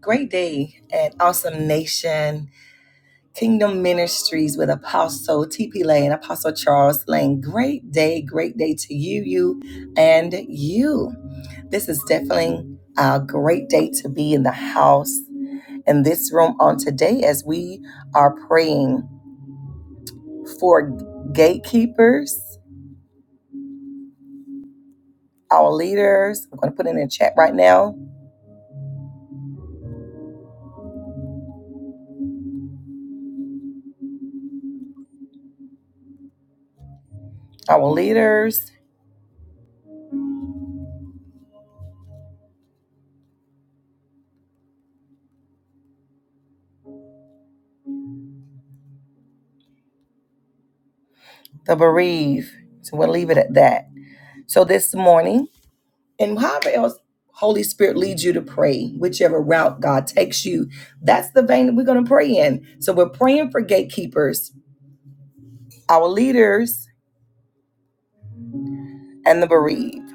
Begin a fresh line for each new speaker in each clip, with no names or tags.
Great day at Awesome Nation Kingdom Ministries with Apostle TP Lane and Apostle Charles Lane. Great day, great day to you, you, and you. This is definitely a great day to be in the house in this room on today as we are praying for gatekeepers, our leaders. I'm going to put it in the chat right now. Our leaders, the bereaved. So we'll leave it at that. So this morning, and however else Holy Spirit leads you to pray, whichever route God takes you, that's the vein that we're going to pray in. So we're praying for gatekeepers, our leaders, and the bereaved.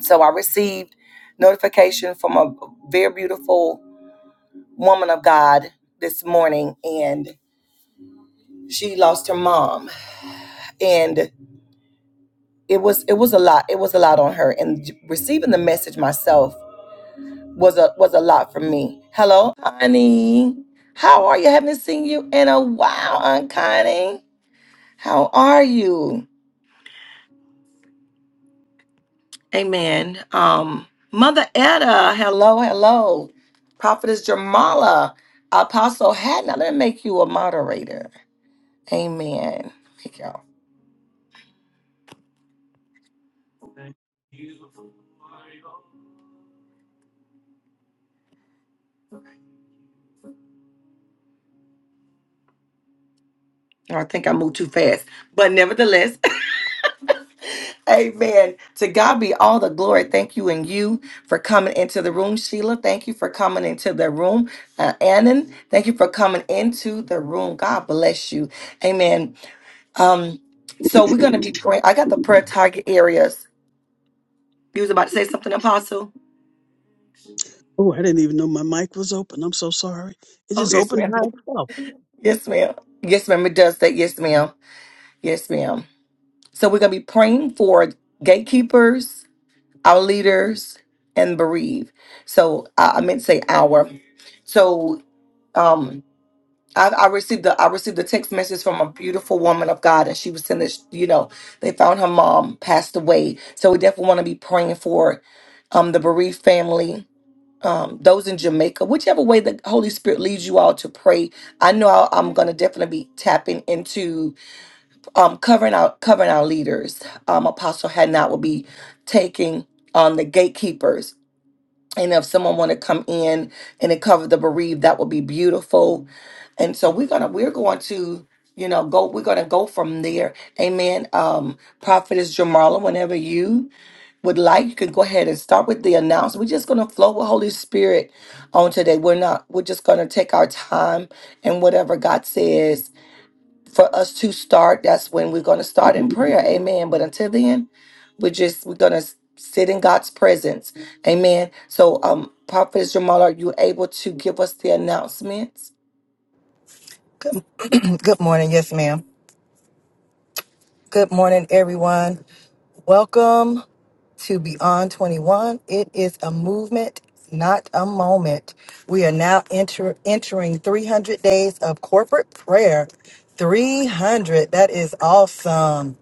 So I received notification from a very beautiful woman of God this morning, and she lost her mom, and it was it was a lot. It was a lot on her, and receiving the message myself. was a was a lot for me. Hello, honey. How are you? Haven't seen you in a while, Aunt Connie. How are you? Amen. Um, Mother Etta, hello, hello. Prophetess Jamala, Apostle Hatton. Now let me make you a moderator. Amen. Thank y'all. I think I moved too fast. But nevertheless, Amen. To God be all the glory. Thank you and you for coming into the room, Sheila. Thank you for coming into the room, uh, Annan. Thank you for coming into the room. God bless you. Amen. Um, so we're gonna be praying. I got the prayer target areas. You was about to say something, Apostle.
Oh, I didn't even know my mic was open. I'm so sorry. It
Oh
just
yes,
opened
ma'am.
by
Yes, ma'am. Yes, ma'am. It does that. Yes, ma'am. Yes, ma'am. So we're gonna be praying for gatekeepers our leaders and bereaved. So I, I meant to say our. So um, I, I received the I received a text message from a beautiful woman of God, and she was saying that you know they found her mom passed away. So we definitely want to be praying for um the bereaved family. Um, those in Jamaica, whichever way the Holy Spirit leads you all to pray, I know I- I'm gonna definitely be tapping into um, covering our covering our leaders. Um, Apostle Hadnot will be taking on the gatekeepers and if someone want to come in and it cover the bereaved that would be beautiful and so we're gonna we're going to you know go we're gonna go from there amen um prophetess jamarla whenever you would like you can go ahead and start with the announcement we're just gonna flow with holy spirit on today we're not we're just gonna take our time and whatever god says for us to start, that's when we're going to start in
itself.
prayer. Amen. But until then, we're just we're going to sit in God's presence. Amen. So, um, Prophet Jamal, are you able to give us the announcements?
Good, good morning. Yes, ma'am. Good morning, everyone. Welcome to Beyond 21. It is a movement, not a moment. We are now enter, entering 300 days of corporate prayer. 300. That is awesome.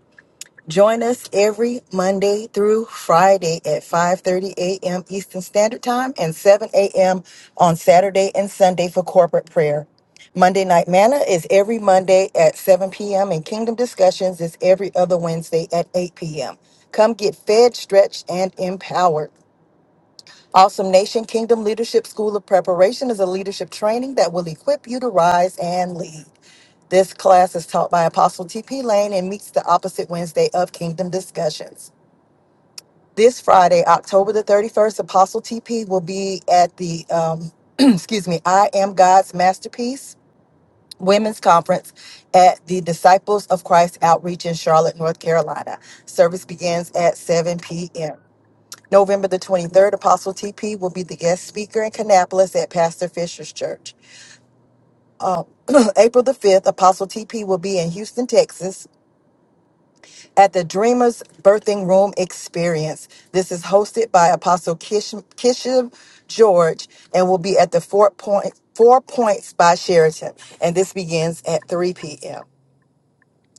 Join us every Monday through Friday at 5:30 a.m. Eastern Standard Time and 7 a.m. on Saturday and Sunday for corporate prayer. Monday Night Manna is every Monday at 7 p.m. and Kingdom Discussions is every other Wednesday at 8 p.m. Come get fed, stretched, and empowered. Awesome Nation Kingdom Leadership School of Preparation is a leadership training that will equip you to rise and lead. This class is taught by Apostle T.P. Lane and meets the opposite Wednesday of Kingdom Discussions. This Friday, October the 31st, Apostle T.P. will be at the, um, excuse me, I Am God's Masterpiece Women's Conference at the Disciples of Christ Outreach in Charlotte, North Carolina. Service begins at 7 p.m. November the 23rd, Apostle TP will be the guest speaker in Kannapolis at Pastor Fisher's Church. Um, April the 5th, Apostle TP will be in Houston, Texas at the Dreamers Birthing Room Experience. This is hosted by Apostle Kish- Kishim George and will be at the Four, Point, Four Points by Sheraton. And this begins at 3 p.m.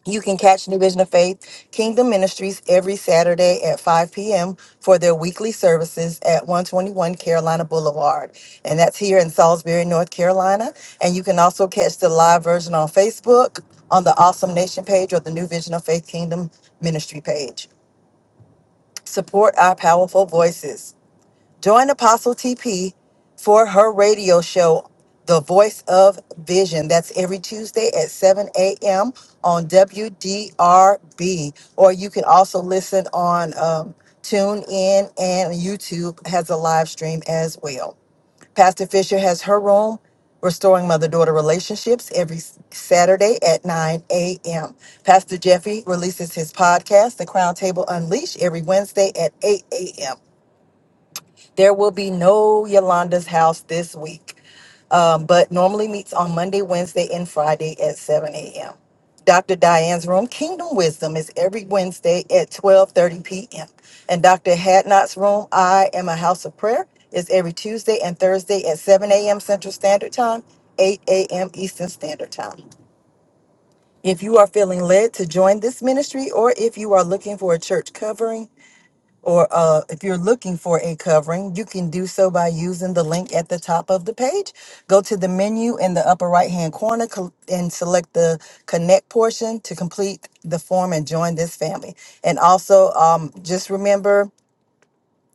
You can catch New Vision of Faith Kingdom Ministries every Saturday at 5 p.m. for their weekly services at 121 Carolina Boulevard. And that's here in Salisbury, North Carolina. And you can also catch the live version on Facebook, on the Awesome Nation page, or the New Vision of Faith Kingdom Ministry page. Support our powerful voices. Join Apostle TP for her radio show, The Voice of Vision. That's every Tuesday at 7 a.m. on WDRB. Or you can also listen on um, TuneIn and YouTube has a live stream as well. Pastor Fisher has her room, Restoring Mother Daughter Relationships, every Saturday at 9 a.m. Pastor Jeffy releases his podcast, The Crown Table Unleashed, every Wednesday at 8 a.m. There will be no Yolanda's house this week, um, but normally meets on Monday, Wednesday, and Friday at 7 a.m. Dr. Diane's room, Kingdom Wisdom, is every Wednesday at 12:30 p.m. And Dr. Hadnot's room, I Am a House of Prayer, is every Tuesday and Thursday at 7 a.m. Central Standard Time, 8 a.m. Eastern Standard Time. If you are feeling led to join this ministry, or if you are looking for a church covering, or uh, if you're looking for a covering, you can do so by using the link at the top of the page. Go to the menu in the upper right hand corner col- and select the connect portion to complete the form and join this family. And also, um, just remember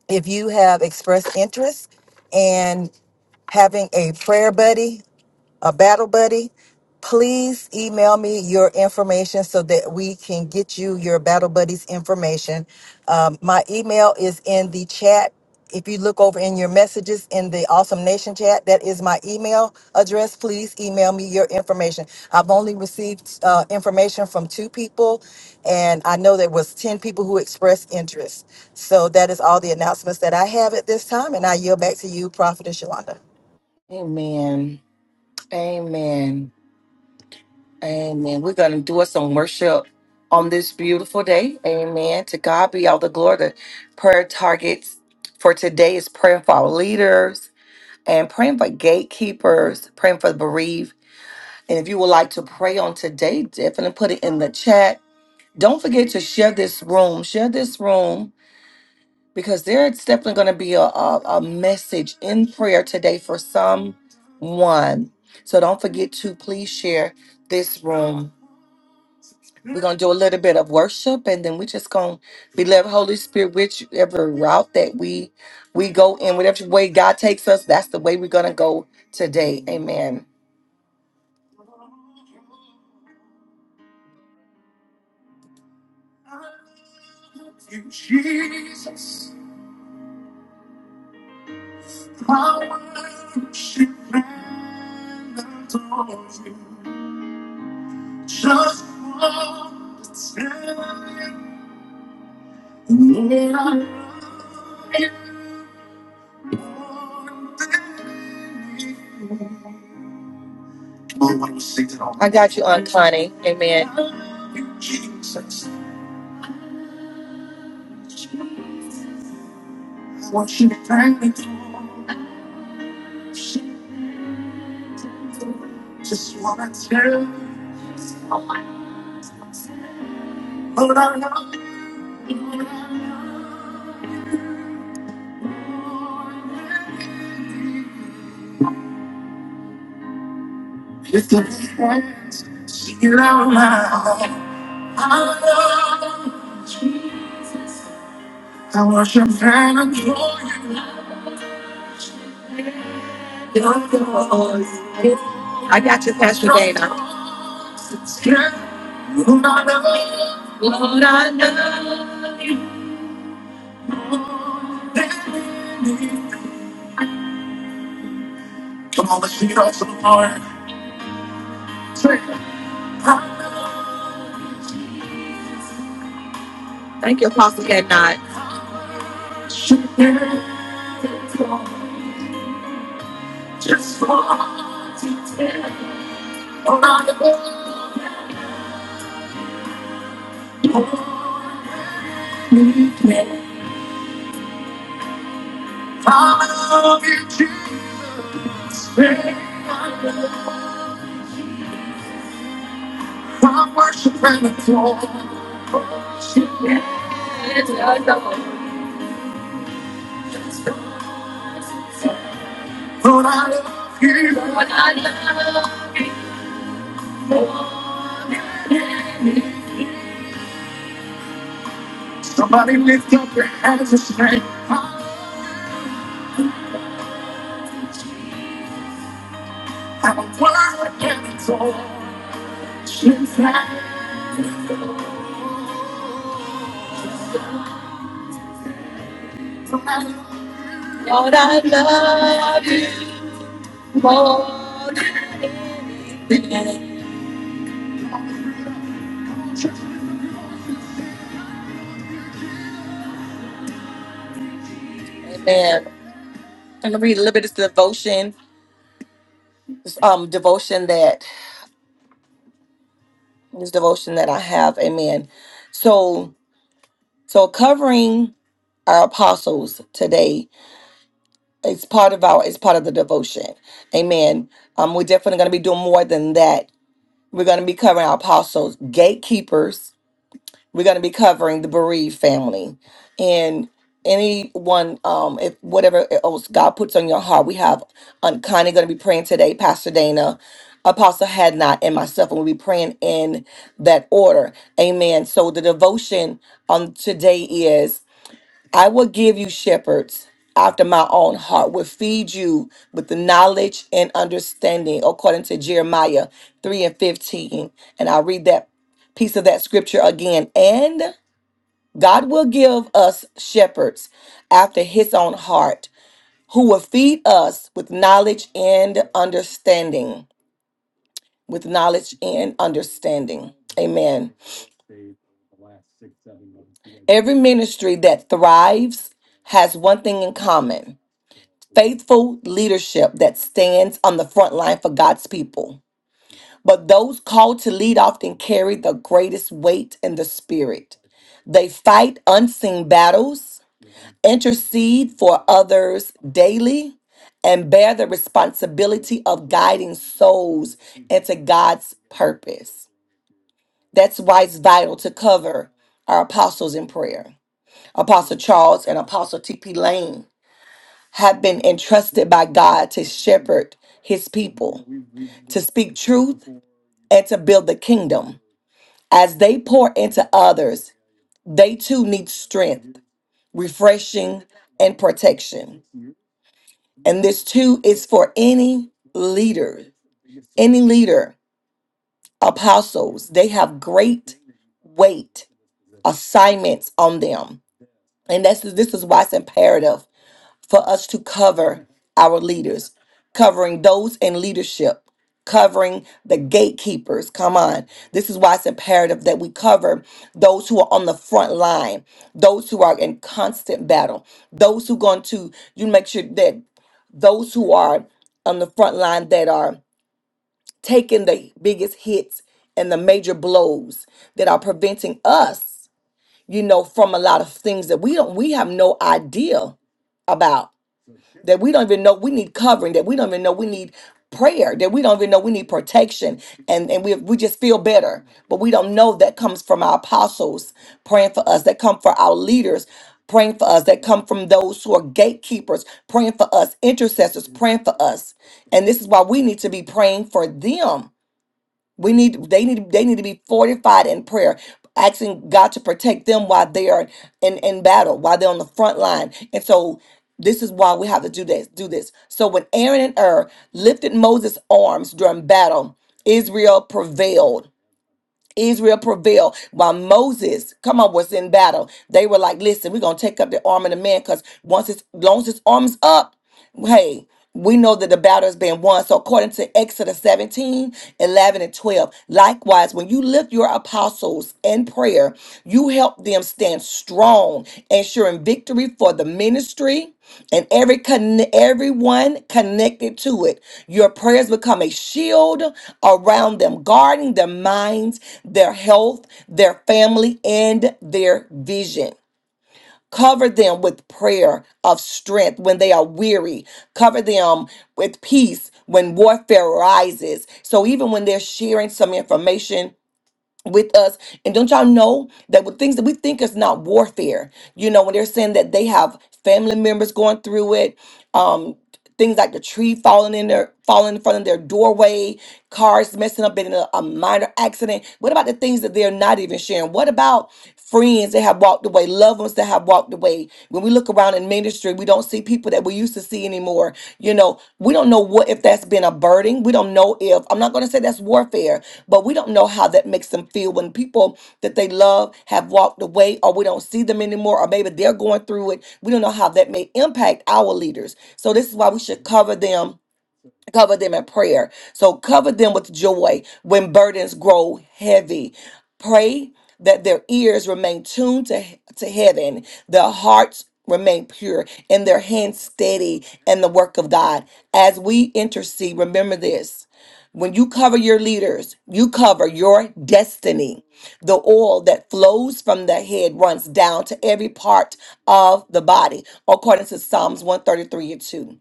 if you have expressed interest in having a prayer buddy a battle buddy, please email me your information so that we can get you your battle buddy's information. Um, my email is in the chat. If you look over in your messages in the Awesome Nation chat, that is my email address. Please email me your information. I've only received uh, information from two people, and I know there was 10 people who expressed interest. So that is all the announcements that I have at this time, and I yield back to you, Prophetess Yolanda.
Amen. Amen. Amen. We're going to do us some worship on this beautiful day. Amen. To God be all the glory. The prayer targets for today is praying for our leaders and praying for gatekeepers, praying for the bereaved And if you would like to pray on today, definitely put it in the chat. Don't forget to share this room. Share this room because there's definitely going to be a, a, a message in prayer today for someone. So don't forget to please share this room. We're going to do a little bit of worship and then we're just going to be led Holy Spirit whichever route that we we go in, whatever way God takes us, that's the way we're going to go today. Amen. I got you, Aunt Connie. Amen. I got you, Pastor Thank you, Apostle Cat Nod. Amen. I'm gonna read a little bit of this devotion, this um devotion that this devotion that I have. Amen. So so covering our apostles today is part of our it's part of the devotion. Amen. Um, we're definitely gonna be doing more than that. We're gonna be covering our apostles, gatekeepers, We're going to be covering the bereaved family and anyone, um, if whatever else God puts on your heart. We have um, Connie going to be praying today, Pastor Dana, Apostle Hadnot, and myself, and we'll be praying in that order. Amen. So the devotion on today is. I will give you shepherds after my own heart, will feed you with the knowledge and understanding, according to Jeremiah 3 and 15. And I'll read that piece of that scripture again. And God will give us shepherds after his own heart, who will feed us with knowledge and understanding. With knowledge and understanding. Amen. Every ministry that thrives has one thing in common faithful leadership that stands on the front line for God's people. But those called to lead often carry the greatest weight in the spirit. They fight unseen battles, intercede for others daily, and bear the responsibility of guiding souls into God's purpose. That's why it's vital to cover our apostles in prayer. Apostle Charles and Apostle T.P. Lane have been entrusted by God to shepherd his people, to speak truth, and to build the kingdom. As they pour into others, they too need strength, refreshing, and protection. And this too is for any leader, any leader, apostles. They have great weight assignments on them. And that's this is why it's imperative for us to cover our leaders, covering those in leadership, covering the gatekeepers. Come on. This is why it's imperative that we cover those who are on the front line, those who are in constant battle, those who going to you make sure that those who are on the front line that are taking the biggest hits and the major blows that are preventing us, you know, from a lot of things that we don't we have no idea about that we don't even know we need covering, that we don't even know we need prayer, that we don't even know we need protection, and, and we, we just feel better. But we don't know that comes from our apostles praying for us, that come for our leaders praying for us, that come from those who are gatekeepers praying for us, intercessors praying for us. And this is why we need to be praying for them we need they need they need to be fortified in prayer, asking God to protect them while they are in, in battle, while they're on the front line. And so this is why we have to do this, do this. So when Aaron and Ur lifted Moses' arms during battle, Israel prevailed. Israel prevailed while Moses, come on, was in battle. They were like, listen, we're gonna take up the arm of the man because once it's as long as his arm's up hey, we know that the battle has been won. So, according to Exodus 17, 11, and 12, likewise, when you lift your apostles in prayer, you help them stand strong, ensuring victory for the ministry and every conne- everyone connected to it. Your prayers become a shield around them, guarding their minds, their health, their family, and their vision. Cover them with prayer of strength when they are weary. Cover them with peace when warfare rises. So even when they're sharing some information, with us. And don't y'all know that with things that we think is not warfare, you know, when they're saying that they have family members going through it, um, things like the tree falling in their falling in front of their doorway, cars messing up in a, a minor accident. What about the things that they're not even sharing? What about friends that have walked away, loved ones that have walked away? When we look around in ministry, we don't see people that we used to see anymore. You know, so we don't know what if that's been a burden. We don't know if I'm not going to say that's warfare, but we don't know how that makes them feel when people that they love have walked away, or we don't see them anymore, or maybe they're going through it. We don't know how that may impact our leaders. So this is why we should cover them cover them in prayer. So cover them with joy when burdens grow heavy. Pray that their ears remain tuned to, to heaven, their hearts remain pure, and their hands steady in the work of God. As we intercede, remember this. When you cover your leaders, you cover your destiny. The oil that flows from the head runs down to every part of the body, according to Psalms 133 and 2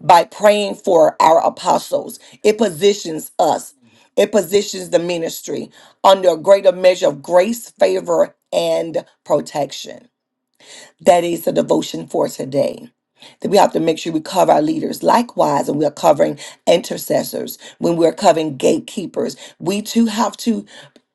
by praying for our apostles. It positions us, it positions the ministry under a greater measure of grace, favor, and protection. That is the devotion for today. That we have to make sure we cover our leaders. Likewise, and we are covering intercessors, when we're covering gatekeepers, we too have to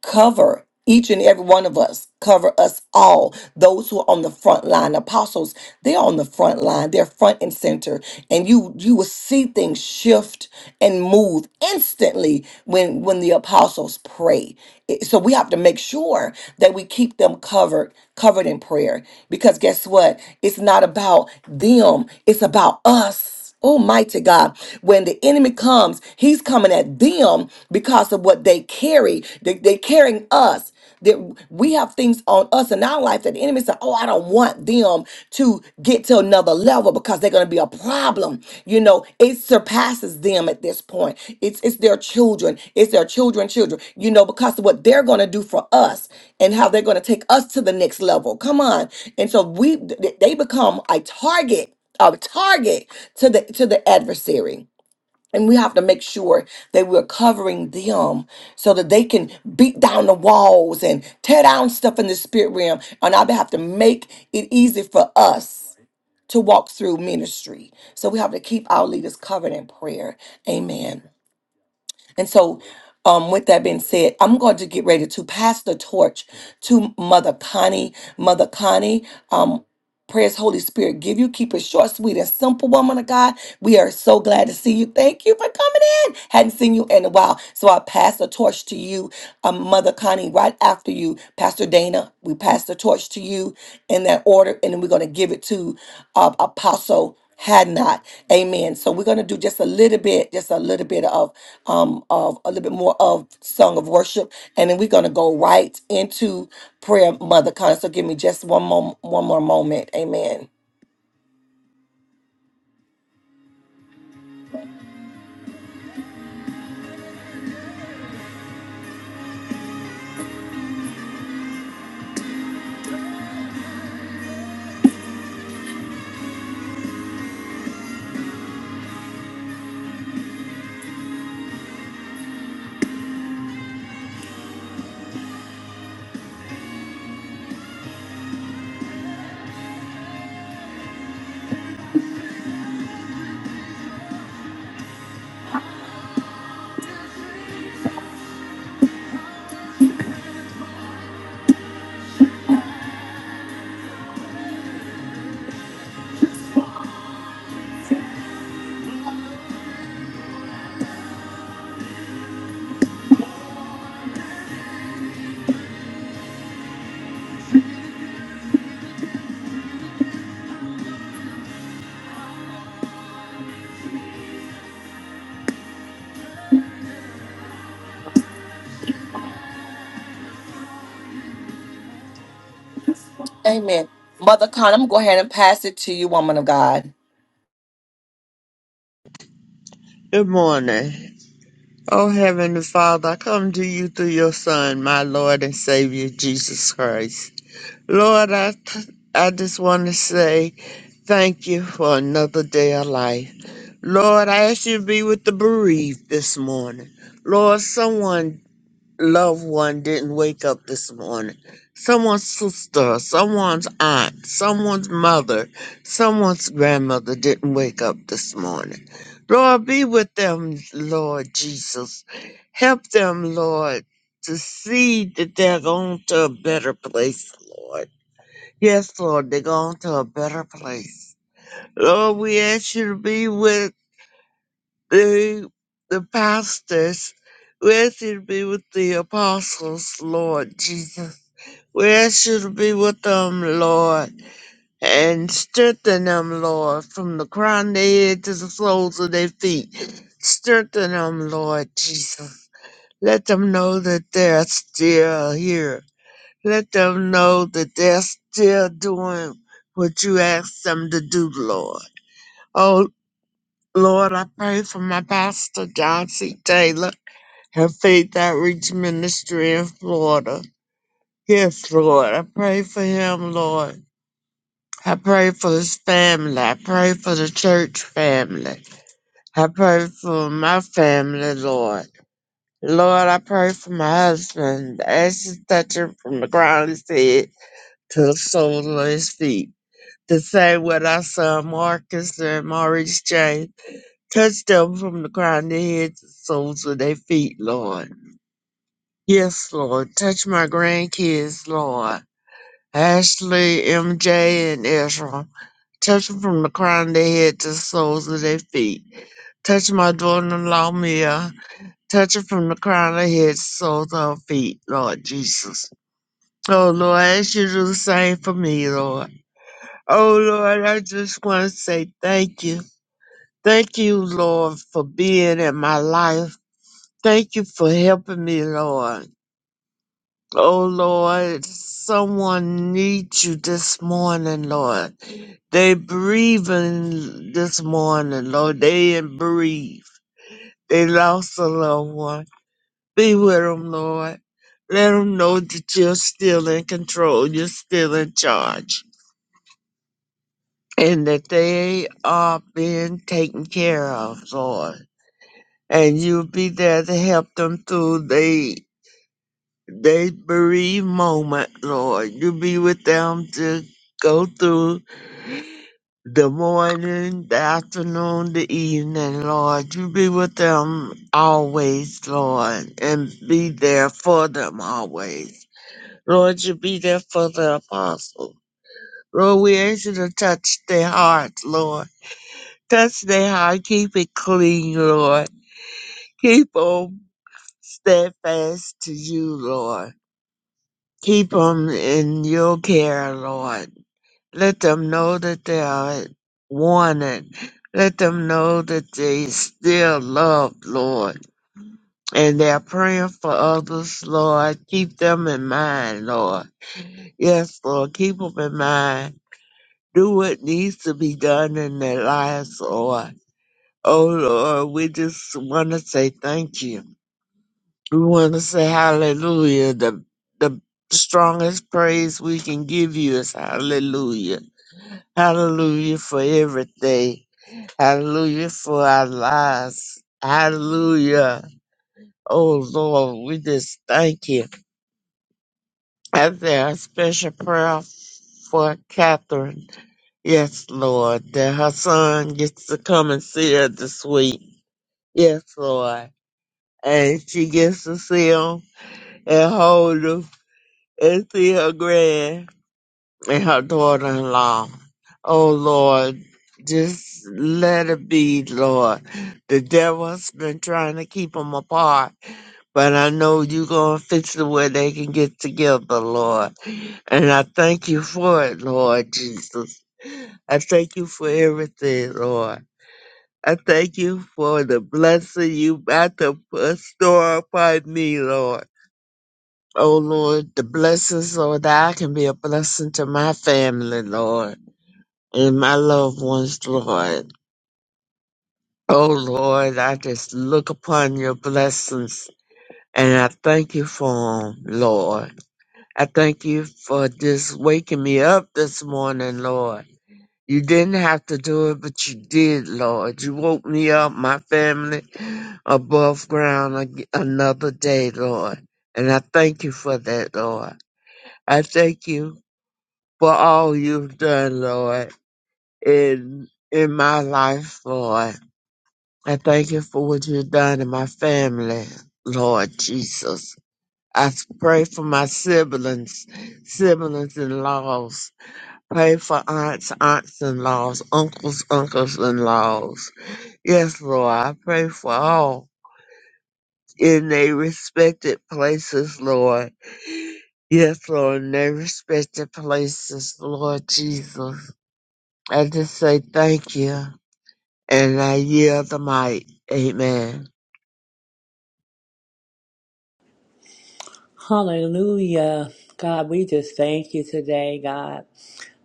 cover each and every one of us, cover us all. Those who are on the front line, apostles, they're on the front line. They're front and center. And you you will see things shift and move instantly when when when the apostles pray. It- So we have to make sure that we keep them covered, covered in prayer. Because guess what? It's not about them, it's about us. Almighty God, when the enemy comes, he's coming at them because of what they carry. They, they're carrying us. That we have things on us in our life that the enemy said oh, I don't want them to get to another level because they're going to be a problem. You know, it surpasses them at this point. It's it's their children. It's their children, children. You know, because of what they're going to do for us and how they're going to take us to the next level. Come on. And so we th- they become a target, a target to the to the adversary and we have to make sure that we're covering them so that they can beat down the walls and tear down stuff in the spirit realm. And I have to make it easy for us to walk through ministry. So we have to keep our leaders covered in prayer. Amen. And so, um, with that being said, I'm going to get ready to pass the torch to Mother Connie. Mother Connie, um, Praise Holy Spirit, give you, keep it short, sweet, and simple, woman of God. We are so glad to see you. Thank you for coming hadn't seen you in a while. So I pass the torch to you, um, Mother Connie, right after you, Pastor Dana. We pass the torch to you in that order, and then we're going to give it to uh, Apostle Hadnot. amen so we're going to do just a little bit just a little bit of um of a little bit more of song of worship and then we're going to go right into prayer mother Connie. so give me just one more one more moment amen amen mother Connie, i'm going to go ahead and pass it to you woman of god
Good morning. Oh, Heavenly Father, I come to you through your Son, my Lord and Savior, Jesus Christ. Lord, I, th- I just want to say thank you for another day of life. Lord, I ask you to be with the bereaved this morning. Lord, someone loved one didn't wake up this morning, someone's sister, someone's aunt, someone's mother, someone's grandmother didn't wake up this morning. Lord, be with them, Lord Jesus. Help them, Lord, to see that they're going to a better place, Lord. Yes, Lord, they're going to a better place. Lord, we ask you to be with the, the pastors, where should be with the apostles, Lord Jesus. Where should be with them, Lord, and strengthen them, Lord, from the crown of their head to the soles of their feet. Strengthen them, Lord Jesus. Let them know that they're still here. Let them know that they're still doing what you asked them to do, Lord. Oh, Lord, I pray for my pastor, John C. Taylor. Have faith outreach ministry in Florida. Yes, Lord. I pray for him, Lord. I pray for his family. I pray for the church family. I pray for my family, Lord. Lord, I pray for my husband. As you touch him from the ground of his head to the sole of his feet. The same with our son Marcus and Maurice James. Touch them from the crown of their heads to the soles of their feet, Lord. Yes, Lord. Touch my grandkids, Lord. Ashley, MJ, and Ezra. Touch them from the crown of their head to the soles of their feet. Touch my daughter-in-law, Mia. Touch her from the crown of her head to the soles of her feet, Lord Jesus. Oh, Lord, I ask you to do the same for me, Lord. Oh, Lord, I just want to say thank you. Thank you, Lord, for being in my life. Thank you for helping me, Lord. Oh Lord, someone needs you this morning, Lord. They breathing this morning, Lord. They didn't breathe. They lost a loved one. Be with them, Lord. Let them know that you're still in control. You're still in charge. And that they are being taken care of, Lord. And you'll be there to help them through their They bereaved moment, Lord. You be with them to go through the morning, the afternoon, the evening, Lord. You be with them always, Lord, and be there for them always. Lord, you be there for the apostle. Lord, we ask you to touch their hearts, Lord. Touch their heart, keep it clean, Lord. Keep them steadfast to you, Lord. Keep them in your care, Lord Let them know that they are wanted. Let them know that they still love, Lord. And they're praying for others, Lord. Keep them in mind, Lord. Yes, Lord. Keep them in mind. Do what needs to be done in their lives, Lord. Oh, Lord, we just want to say thank you. We want to say hallelujah. The, the strongest praise we can give you is hallelujah. Hallelujah for everything. Hallelujah for our lives. Hallelujah. Oh Lord, we just thank you. And there a special prayer for Catherine. Yes, Lord, that her son gets to come and see her this week. Yes, Lord. And she gets to see him and hold him and see her grand and her daughter-in-law. Oh Lord, just let it be, Lord. The devil's been trying to keep them apart but I know you're going to fix it where they can get together, Lord. And I thank you for it, Lord Jesus. I thank you for everything, Lord. I thank you for the blessing you about to bestow upon me, Lord. Oh, Lord, the blessings, Lord, that I can be a blessing to my family, Lord, and my loved ones, Lord. Oh, Lord, I just look upon your blessings and I thank you for them, Lord. I thank you for just waking me up this morning, Lord. You didn't have to do it, but you did, Lord. You woke me up, my family, above ground ag- another day, Lord. And I thank you for that, Lord. I thank you for all you've done, Lord, in in my life, Lord. I thank you for what you've done in my family, Lord Jesus. I pray for my siblings, siblings in laws. Pray for aunts, aunts in laws, uncles, uncles in laws. Yes, Lord, I pray for all in their respected places, Lord. Yes, Lord, in their respected places, Lord Jesus. I just say thank you and I yield the mic. Amen.
Hallelujah. God, we just thank you today, God.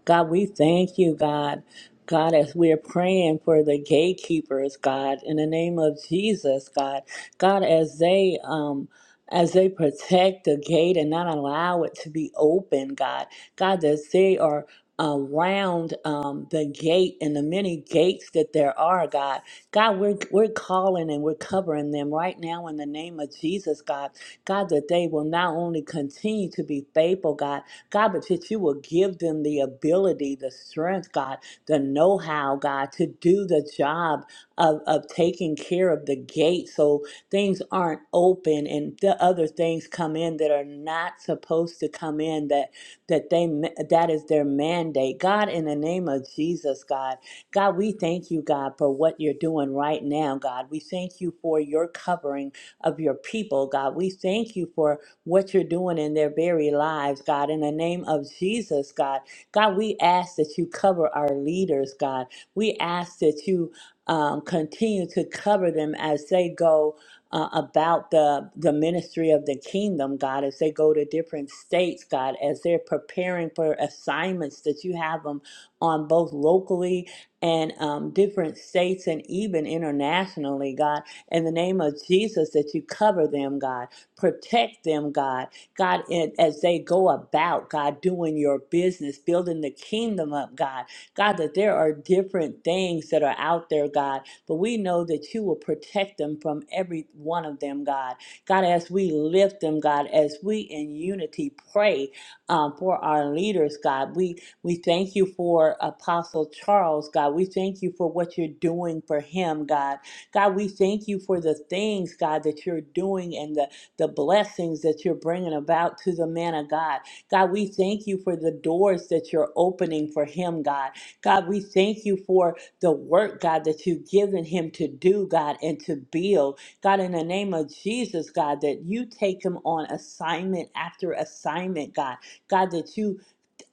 God, we thank you, God. God, as we're praying for the gatekeepers, God, in the name of Jesus, God, God, as they um as they protect the gate and not allow it to be open, God, God, that they are around um, the gate and the many gates that there are, God. God, we're we're calling and we're covering them right now in the name of Jesus, God. God, that they will not only continue to be faithful, God, God, but that you will give them the ability, the strength, God, the know how, God, to do the job of, of taking care of the gate so things aren't open and the other things come in that are not supposed to come in that that they that is their mandate god in the name of jesus god god we thank you god for what you're doing right now god we thank you for your covering of your people, God. We thank you for what you're doing in their very lives, God. In the name of Jesus, God. God, we ask that you cover our leaders, God. We ask that you um, continue to cover them as they go uh, about the the ministry of the kingdom, God, as they go to different states, God, as they're preparing for assignments that you have them on both locally and um, different states and even internationally, God in the name of Jesus that you cover them, God. Protect them, God. God, and as they go about, God, doing your business, building the kingdom up, God. God, that there are different things that are out there, God, but we know that you will protect them from every one of them, God. God, as we lift them, God, as we in unity pray um, for our leaders, God, we we thank you for Apostle Charles, God. We thank you for what you're doing for him, God. God, we thank you for the things, God, that you're doing and the, the blessings that you're bringing about to the man of God. God, we thank you for the doors that you're opening for him, God. God, we thank you for the work, God, that you've given him to do, God, and to build. God, in the name of Jesus, God, that you take him on assignment after assignment, God. God, that you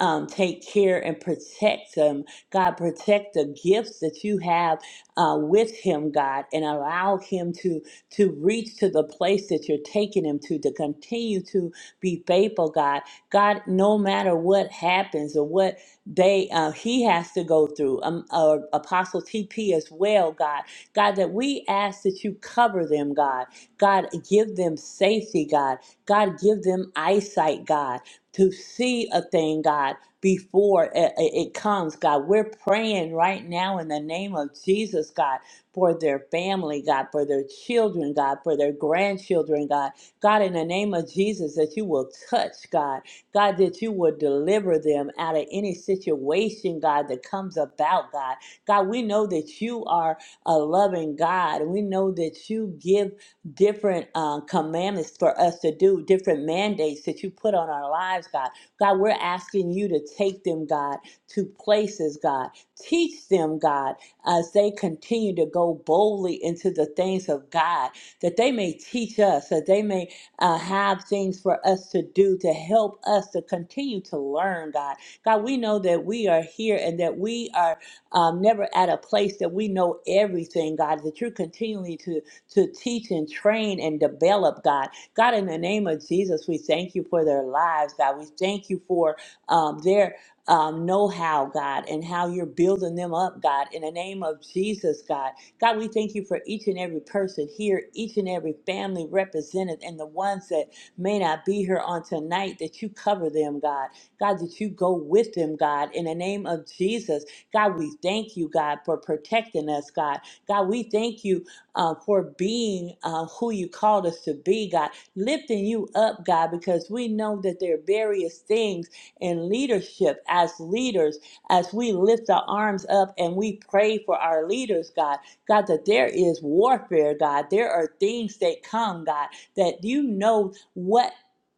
um, take care and protect him. God, protect the gifts that you have uh, with him, God, and allow him to, to reach to the place that you're taking him to, to continue to be faithful, God. God, no matter what happens or what they uh, he has to go through, um, uh, Apostle TP as well, God. God, that we ask that you cover them, God. God, give them safety, God. God, give them eyesight, God to see a thing, God, before it, it it comes, God. We're praying right now in the name of Jesus, God, for their family, God, for their children, God, for their grandchildren, God. God, in the name of Jesus, that you will touch, God. God, that you will deliver them out of any situation, God, that comes about, God. God, we know that you are a loving God. We know that you give different uh, commandments for us to do, different mandates that you put on our lives, God. God, we're asking you to take them, God, to places, God. Teach them, God, as they continue to go boldly into the things of God, that they may teach us, that they may uh, have things for us to do to help us to continue to learn, God. God, we know that we are here and that we are um, never at a place that we know everything, God, that you're continually to to teach and train and develop, God. God, in the name of Jesus, we thank you for their lives, God. We thank you for um, their um, know how, God, and how you're building them up, God, in the name of Jesus, God. God, we thank you for each and every person here, each and every family represented, and the ones that may not be here on tonight, that you cover them, God. God, that you go with them, God, in the name of Jesus. God, we thank you, God, for protecting us, God. God, we thank you uh, for being uh, who you called us to be, God. Lifting you up, God, because we know that there are various things in leadership as leaders, as we lift our arms up and we pray for our leaders, God. God, that there is warfare, God. There are things that come, God, that you know what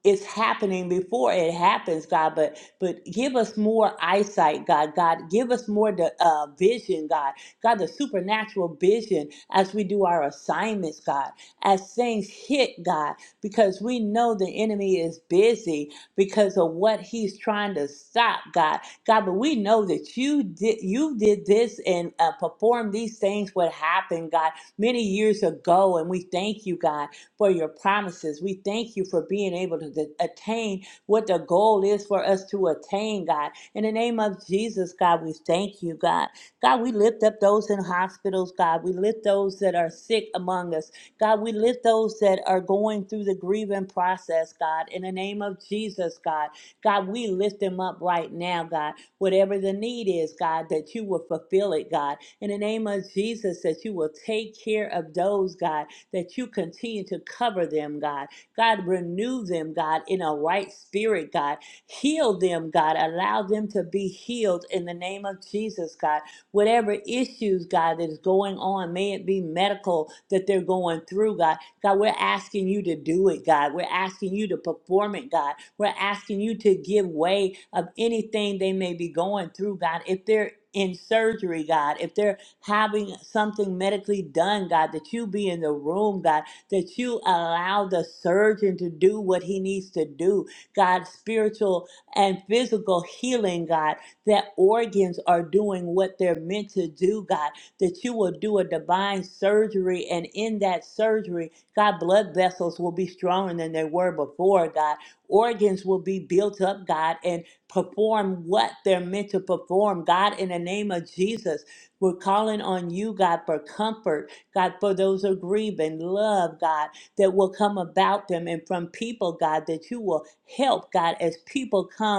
is happening before it happens, God. But but give us more eyesight, God. God, give us more the, uh, vision, God God, the supernatural vision as we do our assignments, God, as things hit, God, because we know the enemy is busy because of what he's trying to stop, God. God, but we know that you did you did this and uh, performed these things what happened, God, many years ago, and we thank you, God, for your promises. We thank you for being able to to attain what the goal is for us to attain, God. In the name of Jesus, God, we thank you, God. God, we lift up those in hospitals, God. We lift those that are sick among us. God, we lift those that are going through the grieving process, God. In the name of Jesus, God. God, we lift them up right now, God. Whatever the need is, God, that you will fulfill it, God. In the name of Jesus, that you will take care of those, God, that you continue to cover them, God. God, renew them, God, in a right spirit, God. Heal them, God. Allow them to be healed in the name of Jesus, God whatever issues, God, that is going on, may it be medical that they're going through, God. God, we're asking you to do it, God. We're asking you to perform it, God. We're asking you to give way of anything they may be going through, God. If they're in surgery, God, if they're having something medically done, God, that you be in the room, God, that you allow the surgeon to do what he needs to do, God, spiritual and physical healing, God that organs are doing what they're meant to do, God, that you will do a divine surgery. And in that surgery, God, blood vessels will be stronger than they were before, God. Organs will be built up, God, and perform what they're meant to perform, God, in the name of Jesus. We're calling on you, God, for comfort, God, for those who are grieving, love, God, that will come about them and from people, God, that you will help, God, as people come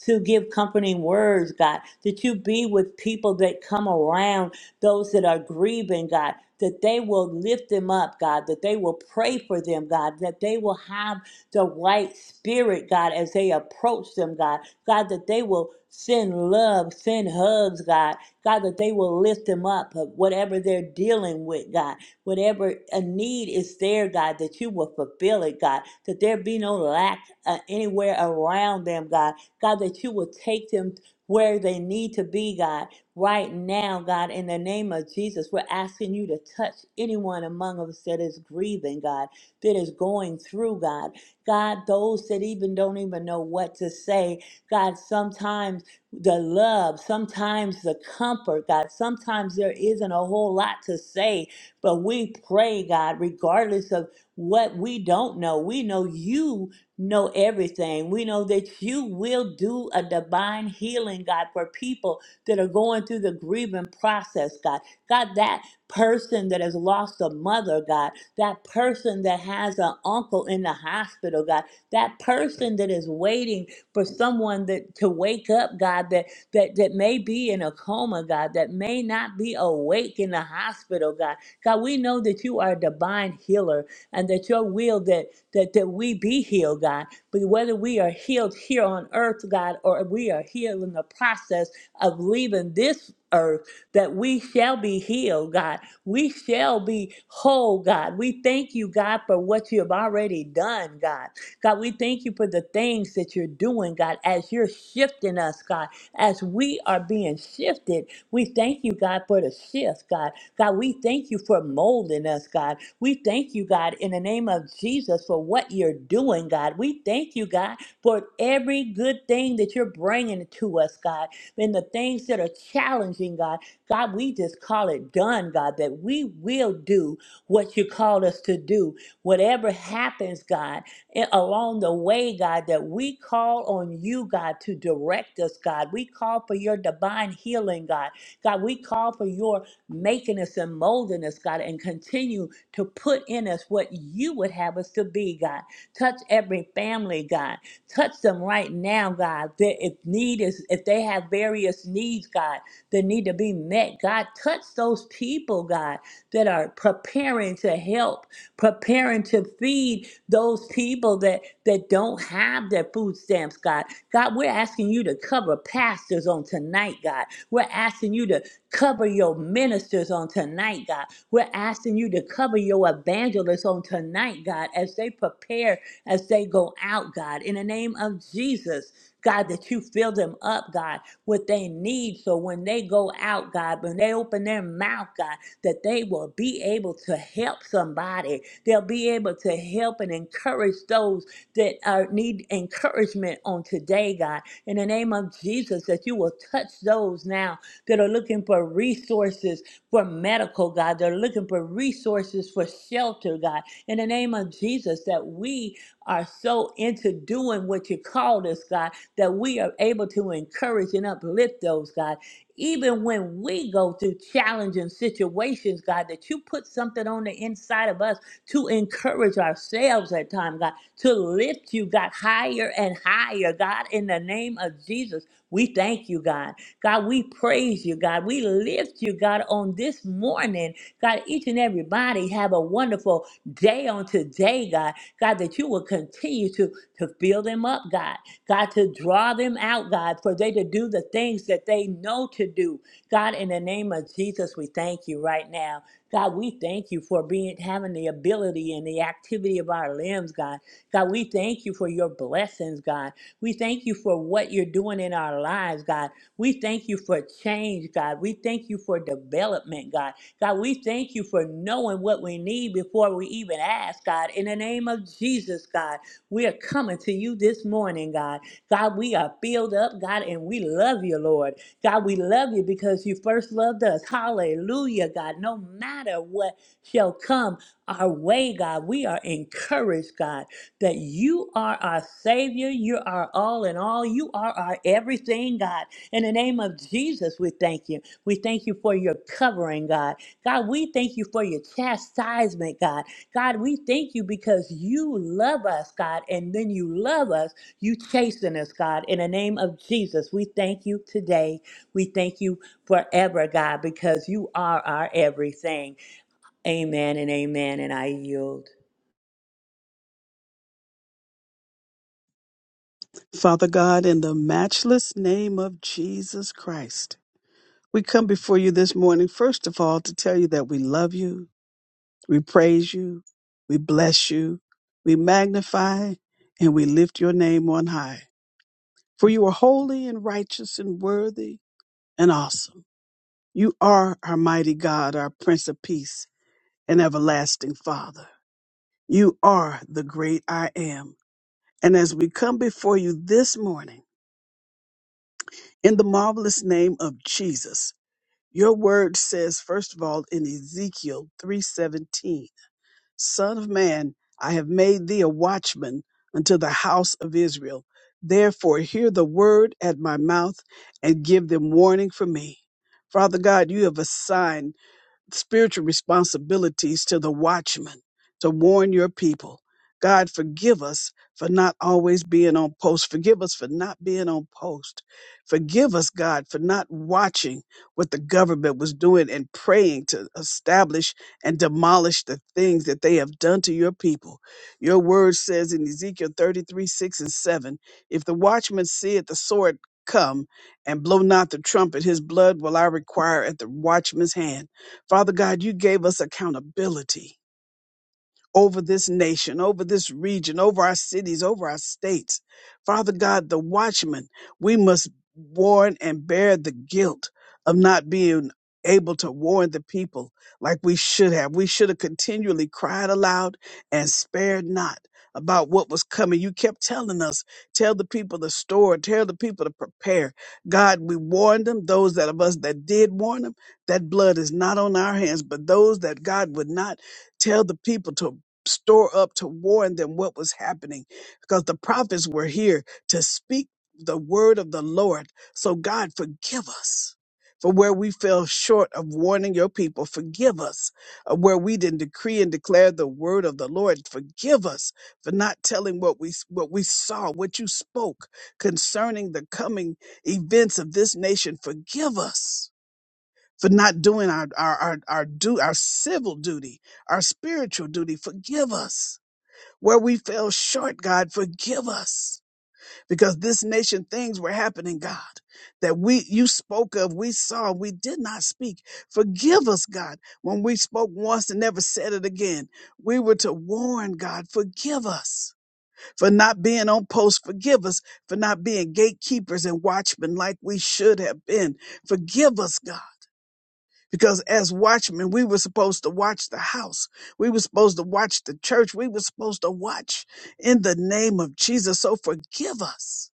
to give comforting words, God, that you be with people that come around those that are grieving, God, that they will lift them up, God, that they will pray for them, God, that they will have the right spirit, God, as they approach them, God, God, that they will send love, send hugs, God, God, that they will lift them up, of whatever they're dealing with, God, whatever a need is there, God, that you will fulfill it, God, that there be no lack uh, anywhere around them, God, God, that you will take them where they need to be, God. Right now, God, in the name of Jesus, we're asking you to touch anyone among us that is grieving, God, that is going through, God. God, those that even don't even know what to say, God, sometimes the love, sometimes the comfort, God, sometimes there isn't a whole lot to say, but we pray, God, regardless of what we don't know, we know you know everything. We know that you will do a divine healing, God, for people that are going through the grieving process, God. God, that person that has lost a mother, God, that person that has an uncle in the hospital, God, that person that is waiting for someone that to wake up, God, that that that may be in a coma, God, that may not be awake in the hospital, God. God, we know that you are a divine healer and that your will that that, that we be healed, God. But whether we are healed here on earth, God, or we are healed in the process of leaving this earth, that we shall be healed, God. We shall be whole, God. We thank you, God, for what you have already done, God. God, we thank you for the things that you're doing, God, as you're shifting us, God, as we are being shifted. We thank you, God, for the shift, God. God, we thank you for molding us, God. We thank you, God, in the name of Jesus for what you're doing, God. We thank you, God, for every good thing that you're bringing to us, God, and the things that are challenging, God. God, we just call it done, God, that we will do what you called us to do. Whatever happens, God, a- along the way, God, that we call on you, God, to direct us, God. We call for your divine healing, God. God, we call for your making us and molding us, God, and continue to put in us what you would have us to be, God. Touch every family, God. Touch them right now, God. That if need is, if they have various needs, God, that need to be met, God, touch those people, God, that are preparing to help, preparing to feed those people that that don't have their food stamps, God. God, we're asking you to cover pastors on tonight, God. We're asking you to cover your ministers on tonight, God. We're asking you to cover your evangelists on tonight, God, as they prepare, as they go out, God, in the name of Jesus. God, that you fill them up, God, what they need. So when they go out, God, when they open their mouth, God, that they will be able to help somebody. They'll be able to help and encourage those that are, need encouragement on today, God. In the name of Jesus, that you will touch those now that are looking for resources for medical, God. They're looking for resources for shelter, God. In the name of Jesus, that we are so into doing what you called us, God, that we are able to encourage and uplift those, God. Even when we go through challenging situations, God, that you put something on the inside of us to encourage ourselves at time, God, to lift you, God, higher and higher, God, in the name of Jesus. We thank you, God. God, we praise you, God. We lift you, God, on this morning. God, each and everybody have a wonderful day on today, God. God, that you will continue to, to fill them up, God. God, to draw them out, God, for they to do the things that they know to do. God, in the name of Jesus, we thank you right now. God, we thank you for being having the ability and the activity of our limbs, God. God, we thank you for your blessings, God. We thank you for what you're doing in our lives, God. We thank you for change, God. We thank you for development, God. God, we thank you for knowing what we need before we even ask, God. In the name of Jesus, God, we are coming to you this morning, God. God, we are filled up, God, and we love you, Lord. God, we love you because you first loved us. Hallelujah, God. No matter what shall come our way, God, we are encouraged, God, that you are our Savior. You are all in all. You are our everything, God. In the name of Jesus, we thank you. We thank you for your covering, God. God, we thank you for your chastisement, God. God, we thank you because you love us, God. And when you love us, you chasten us, God. In the name of Jesus, we thank you today. We thank you forever, God, because you are our everything. Amen and amen. And I yield.
Father God, in the matchless name of Jesus Christ, we come before you this morning, first of all, to tell you that we love you, we praise you, we bless you, we magnify, and we lift your name on high. For you are holy and righteous and worthy and awesome. You are our mighty God, our Prince of Peace and everlasting Father. You are the great I am. And as we come before you this morning, in the marvelous name of Jesus, your word says, first of all, in Ezekiel 3:17, Son of man, I have made thee a watchman unto the house of Israel. Therefore, hear the word at my mouth and give them warning for me. Father God, you have assigned spiritual responsibilities to the watchman to warn your people. God, forgive us for not always being on post. Forgive us for not being on post. Forgive us, God, for not watching what the government was doing and praying to establish and demolish the things that they have done to your people. Your word says in Ezekiel 33 6 and 7 If the watchman seeth the sword come and blow not the trumpet, his blood will I require at the watchman's hand Father God, you gave us accountability over this nation, over this region, over our cities, over our states. Father God, the watchman, we must warn and bear the guilt of not being able to warn the people like we should have. We should have continually cried aloud and spared not about what was coming. You kept telling us, tell the people to store, tell the people to prepare. God, we warned them, those that of us that did warn them, that blood is not on our hands, but those that God would not tell the people to store up to warn them what was happening because the prophets were here to speak the word of the Lord. So, God, forgive us for where we fell short of warning your people. Forgive us of where we didn't decree and declare the word of the Lord. Forgive us for not telling what we what we saw, what you spoke concerning the coming events of this nation. Forgive us. For not doing our our our, our do our civil duty, our spiritual duty. Forgive us where we fell short, God, forgive us. Because this nation things were happening, God, that we you spoke of, we saw, we did not speak. Forgive us, God, when we spoke once and never said it again. We were to warn, God, forgive us for not being on post. Forgive us for not being gatekeepers and watchmen like we should have been. Forgive us, God. Because as watchmen, we were supposed to watch the house. We were supposed to watch the church. We were supposed to watch in the name of Jesus. So forgive us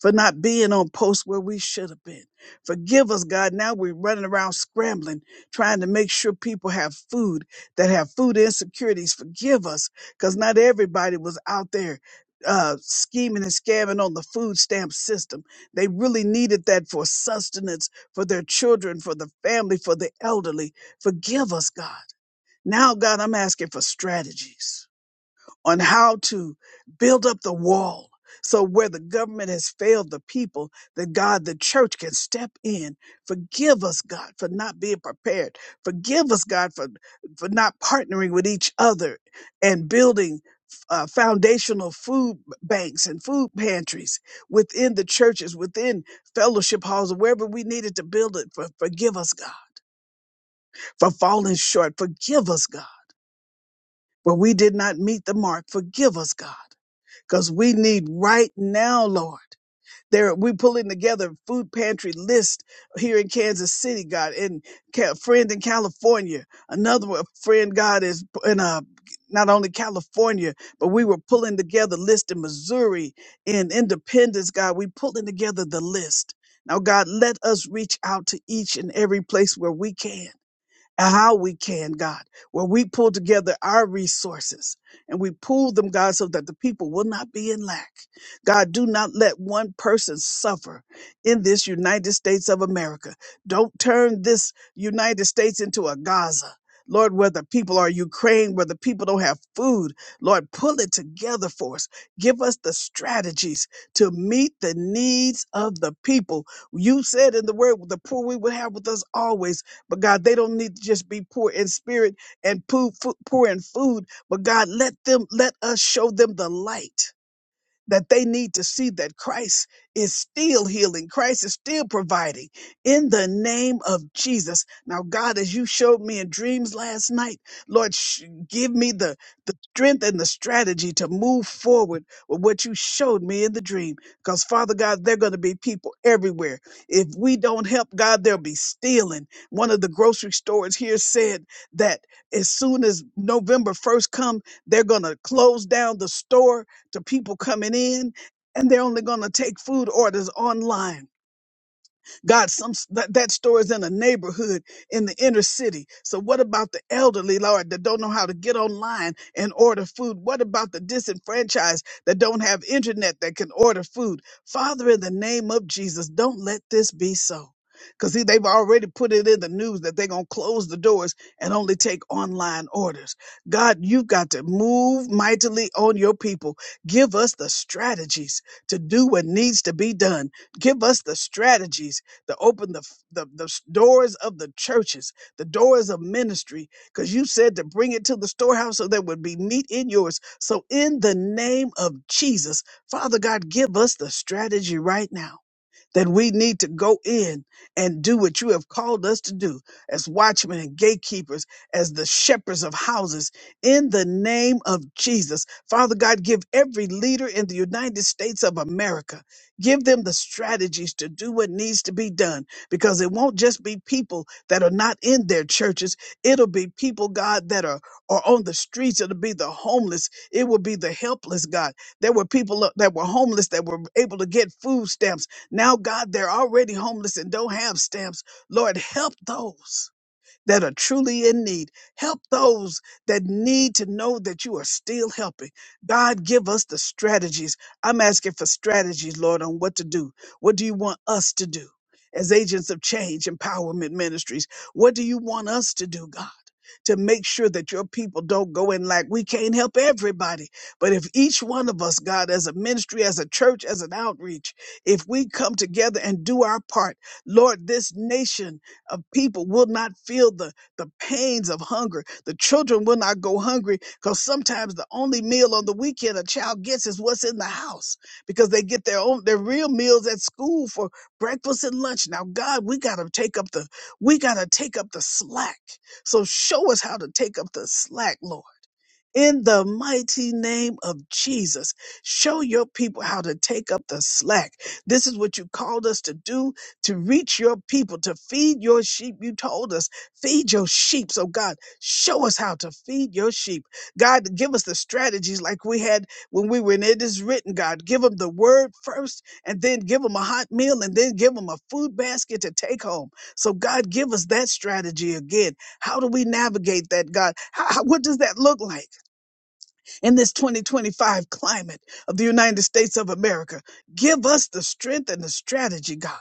for not being on posts where we should have been. Forgive us, God. Now we're running around scrambling, trying to make sure people have food that have food insecurities. Forgive us, because not everybody was out there uh, scheming and scamming on the food stamp system. They really needed that for sustenance, for their children, for the family, for the elderly. Forgive us, God. Now, God, I'm asking for strategies on how to build up the wall. So where the government has failed the people, that God, the church can step in. Forgive us, God, for not being prepared. Forgive us, God, for, for not partnering with each other and building uh, foundational food banks and food pantries within the churches, within fellowship halls, wherever we needed to build it. For, forgive us, God, for falling short. Forgive us, God, where we did not meet the mark. Forgive us, God because we need right now, Lord. There, we pulling together food pantry list here in Kansas City, God, and ca- friend in California. Another one, friend, God is in uh, not only California, but we were pulling together list in Missouri, in Independence, God. We pulling together the list. Now, God, let us reach out to each and every place where we can how we can, God, where we pull together our resources and we pool them, God, so that the people will not be in lack. God, do not let one person suffer in this United States of America. Don't turn this United States into a Gaza. Lord, where the people are Ukraine, where the people don't have food, Lord, pull it together for us. Give us the strategies to meet the needs of the people. You said in the word, the poor we would have with us always but God, they don't need to just be poor in spirit and poo- fo- poor in food. But God, let them, let us show them the light that they need to see that Christ is still healing, Christ is still providing in the name of Jesus. Now, God, as you showed me in dreams last night, Lord, sh- give me the, the strength and the strategy to move forward with what you showed me in the dream. Because, Father God, there are going to be people everywhere. If we don't help, God, there'll be stealing. One of the grocery stores here said that as soon as November 1st come, they're going to close down the store to people coming in, and they're only going to take food orders online. God, some that, that store is in a neighborhood in the inner city. So what about the elderly, Lord, that don't know how to get online and order food? What about the disenfranchised that don't have internet that can order food? Father, in the name of Jesus, don't let this be so. Because see, they've already put it in the news that they're going to close the doors and only take online orders. God, you've got to move mightily on your people. Give us the strategies to do what needs to be done. Give us the strategies to open the, the, the doors of the churches, the doors of ministry, because you said to bring it to the storehouse so there would be meat in yours. So, in the name of Jesus, Father God, give us the strategy right now that we need to go in and do what you have called us to do as watchmen and gatekeepers, as the shepherds of houses, in the name of Jesus. Father God, give every leader in the United States of America, give them the strategies to do what needs to be done, because it won't just be people that are not in their churches. It'll be people, God, that are, are on the streets. It'll be the homeless. It will be the helpless, God. There were people uh, that were homeless that were able to get food stamps now, God, they're already homeless and don't have stamps. Lord, help those that are truly in need. Help those that need to know that you are still helping. God, give us the strategies. I'm asking for strategies, Lord, on what to do. What do you want us to do as agents of change, empowerment ministries? What do you want us to do, God? To make sure that your people don't go in like we can't help everybody. But if each one of us, God, as a ministry, as a church, as an outreach, if we come together and do our part, Lord, this nation of people will not feel the, the pains of hunger. The children will not go hungry because sometimes the only meal on the weekend a child gets is what's in the house because they get their own their real meals at school for breakfast and lunch. Now, God, we gotta take up the we gotta take up the slack. So show us how to take up the slack, Lord in the mighty name of Jesus. Show your people how to take up the slack. This is what you called us to do to reach your people, to feed your sheep. You told us, feed your sheep. So, God, show us how to feed your sheep. God, give us the strategies like we had when we were in It Is Written, God. Give them the word first and then give them a hot meal and then give them a food basket to take home. So, God, give us that strategy again. How do we navigate that, God? How, how- what does that look like? in this 2025 climate of the United States of America. Give us the strength and the strategy, God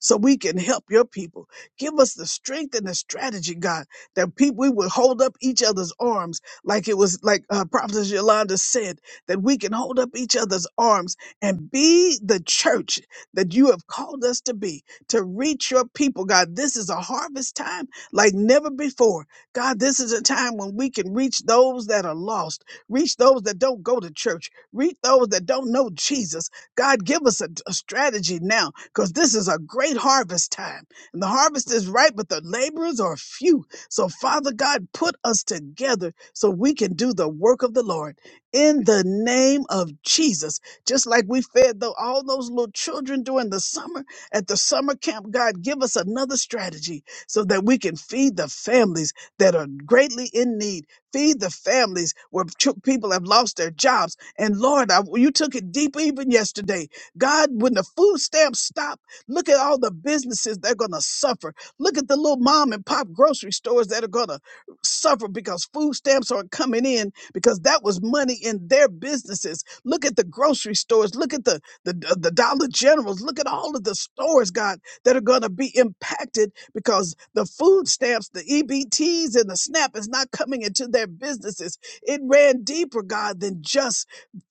so we can help your people. Give us the strength and the strategy, God, that people we would hold up each other's arms, like it was like uh, Prophet Yolanda said, that we can hold up each other's arms and be the church that you have called us to be, to reach your people, God. This is a harvest time like never before. God, this is a time when we can reach those that are lost, reach those that don't go to church, reach those that don't know Jesus. God, give us a, a strategy now because this is a great harvest time. And the harvest is ripe, but the laborers are few. So, Father God, put us together so we can do the work of the Lord in the name of Jesus. Just like we fed the, all those little children during the summer at the summer camp, God, give us another strategy so that we can feed the families that are greatly in need. Feed the families where ch- people have lost their jobs. And Lord, I, you took it deep even yesterday God, when the food stamps stop, look at all the businesses that are going to suffer. Look at the little mom and pop grocery stores that are going to suffer because food stamps aren't coming in because that was money in their businesses. Look at the grocery stores. Look at the, the, the the Dollar Generals. Look at all of the stores, God, that are going to be impacted because the food stamps, the EBTs, and the SNAP is not coming into their businesses. It ran deeper, God, than just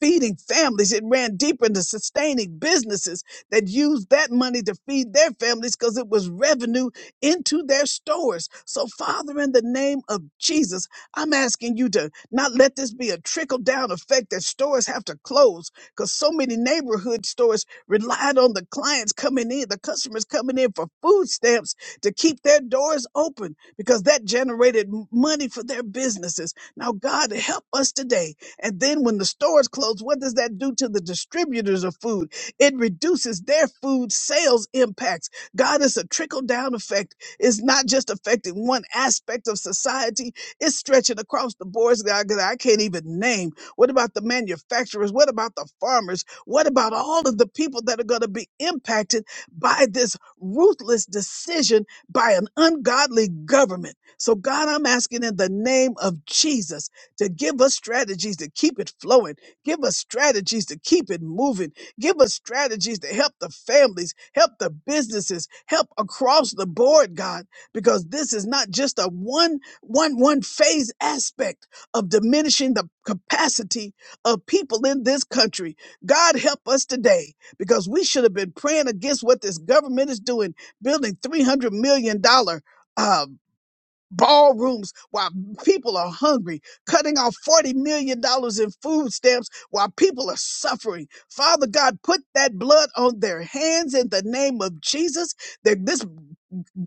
feeding families. It ran deep into sustaining businesses that used that money to feed their families because it was revenue into their stores. So, Father, in the name of Jesus, I'm asking you to not let this be a trickle down effect that stores have to close because so many neighborhood stores relied on the clients coming in, the customers coming in for food stamps to keep their doors open because that generated m- money for their businesses. Now, God, help us today and then when the stores close, what does that do to the distributors of food? It reduces their food sales impacts. God, it's a trickle down effect. It's not just affecting one aspect of society, it's stretching across the boards God, that I can't even name. What about the manufacturers? What about the farmers? What about all of the people that are going to be impacted by this ruthless decision by an ungodly government? So, God, I'm asking in the name of Jesus to give us strategies to keep it flowing. Give us strategies to keep it moving. Give us strategies to help the families, help the businesses, help across the board, God, because this is not just a one, one, one phase aspect of diminishing the capacity of people in this country. God help us today because we should have been praying against what this government is doing, building $300 million. dollars ballrooms while people are hungry, cutting off $40 million dollars in food stamps while people are suffering. Father God, put that blood on their hands in the name of Jesus. That this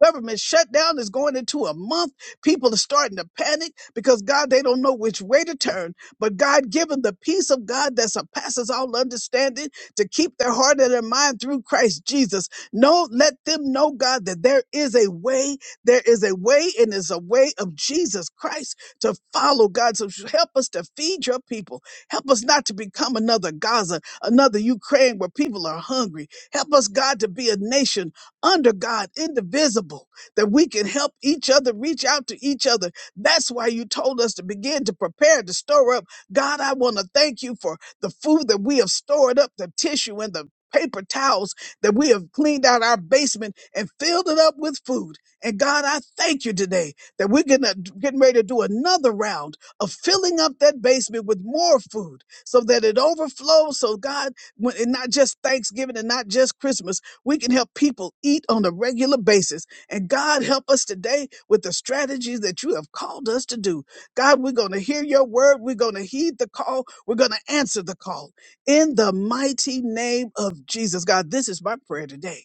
government shutdown is going into a month. People are starting to panic because God, they don't know which way to turn. But God, given the peace of God that surpasses all understanding to keep their heart and their mind through Christ Jesus, no, let them know, God, that there is a way there is a way, and it's a way of Jesus Christ to follow God. So help us to feed your people. Help us not to become another Gaza, another Ukraine where people are hungry. Help us, God, to be a nation under God, indivisible, that we can help each other, reach out to each other. That's why you told us to begin to prepare to store up. God, I want to thank you for the food that we have stored up, the tissue and the paper towels that we have cleaned out our basement and filled it up with food. And God, I thank you today that we're gonna, getting ready to do another round of filling up that basement with more food so that it overflows. So, God, when, and not just Thanksgiving and not just Christmas, we can help people eat on a regular basis. And God, help us today with the strategies that you have called us to do. God, we're going to hear your word. We're going to heed the call. We're going to answer the call in the mighty name of Jesus. God, this is my prayer today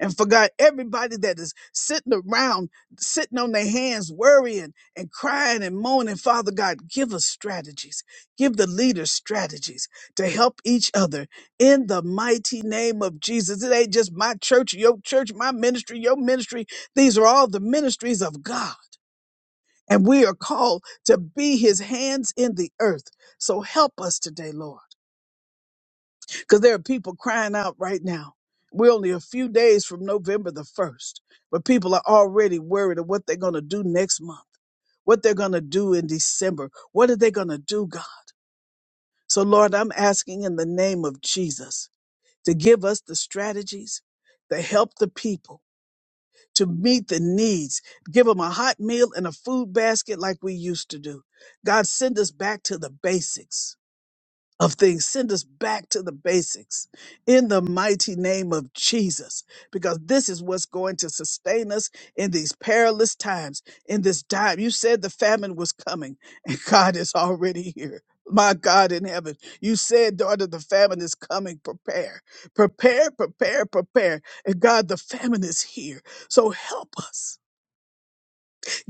and forgot everybody that is sitting around, sitting on their hands, worrying and crying and moaning. Father God, give us strategies. Give the leaders strategies to help each other in the mighty name of Jesus. It ain't just my church, your church, my ministry, your ministry. These are all the ministries of God. And we are called to be his hands in the earth. So help us today, Lord because there are people crying out right now. We're only a few days from November the 1st, but people are already worried of what they're going to do next month, what they're going to do in December. What are they going to do, God? So, Lord, I'm asking in the name of Jesus to give us the strategies to help the people to meet the needs. Give them a hot meal and a food basket like we used to do. God, send us back to the basics of things. Send us back to the basics in the mighty name of Jesus, because this is what's going to sustain us in these perilous times, in this time. You said the famine was coming, and God is already here. My God in heaven, you said, daughter, the famine is coming. Prepare, prepare, prepare, prepare. And God, the famine is here. So help us.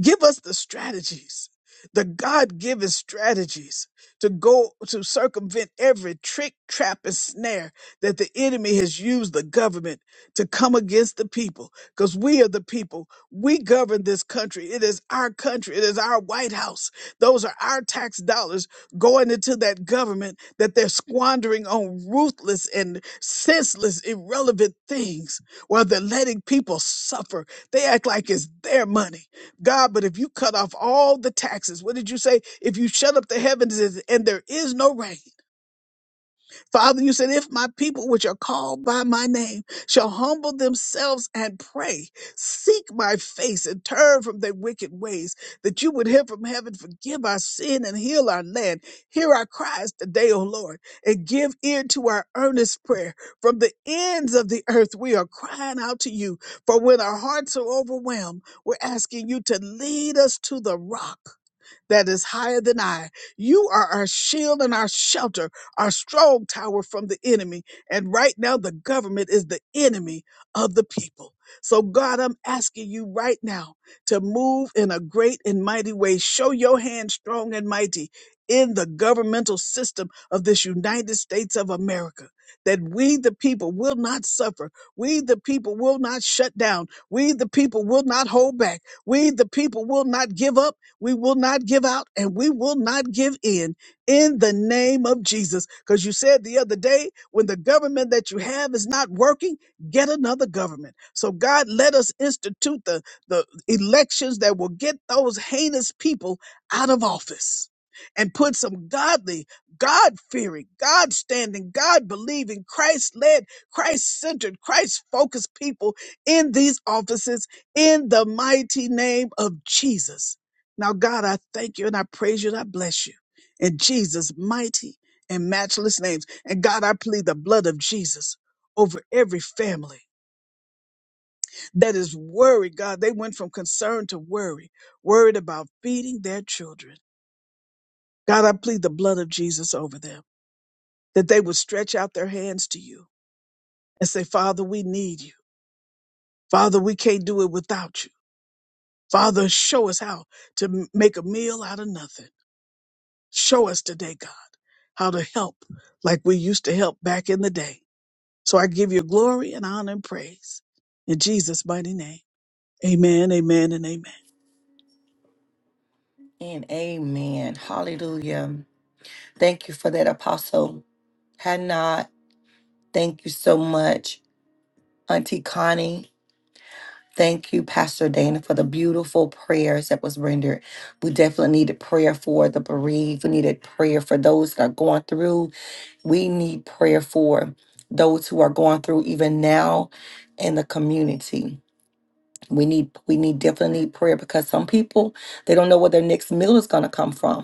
Give us the strategies, the God given strategies to go to circumvent every trick, trap, and snare that the enemy has used the government to come against the people. Because we are the people. We govern this country. It is our country. It is our White House. Those are our tax dollars going into that government that they're squandering on ruthless and senseless, irrelevant things while they're letting people suffer. They act like it's their money. God, but if you cut off all the taxes, what did you say? If you shut up the heavens and there is no rain, Father, you said, if my people which are called by my name shall humble themselves and pray, seek my face and turn from their wicked ways, that you would hear from heaven, forgive our sin and heal our land. Hear our cries today, O Lord, and give ear to our earnest prayer. From the ends of the earth, we are crying out to you. For when our hearts are overwhelmed, we're asking you to lead us to the rock that is higher than I. You are our shield and our shelter, our strong tower from the enemy. And right now, the government is the enemy of the people. So, God, I'm asking you right now to move in a great and mighty way. Show your hand strong and mighty in the governmental system of this United States of America. That we, the people, will not suffer. We, the people, will not shut down. We, the people, will not hold back. We, the people, will not give up we will not give out and we will not give in in the name of Jesus. Because you said the other day, when the government that you have is not working, get another government. So, God, let us institute the, the elections that will get those heinous people out of office and put some godly, God fearing, God standing, God believing, Christ led, Christ centered, Christ focused people in these offices in the mighty name of Jesus. Now, God, I thank you and I praise you and I bless you in Jesus' mighty and matchless names. And God, I plead the blood of Jesus over every family that is worried. God, they went from concern to worry, worried about feeding their children. God, I plead the blood of Jesus over them that they would stretch out their hands to you and say, Father, we need you. Father, we can't do it without you. Father, show us how to m- make a meal out of nothing. Show us today, God, how to help like we used to help back in the day. So I give you glory and honor and praise in Jesus' mighty name. Amen, amen, and amen.
And amen. Hallelujah. Thank you for that, Apostle Hannah. Thank you so much, Auntie Connie. Thank you, Pastor Dana, for the beautiful prayers that was rendered. We definitely needed prayer for the bereaved. We needed prayer for those that are going through. We need prayer for those who are going through even now in the community. We need we need definitely need prayer because some people they don't know where their next meal is gonna come from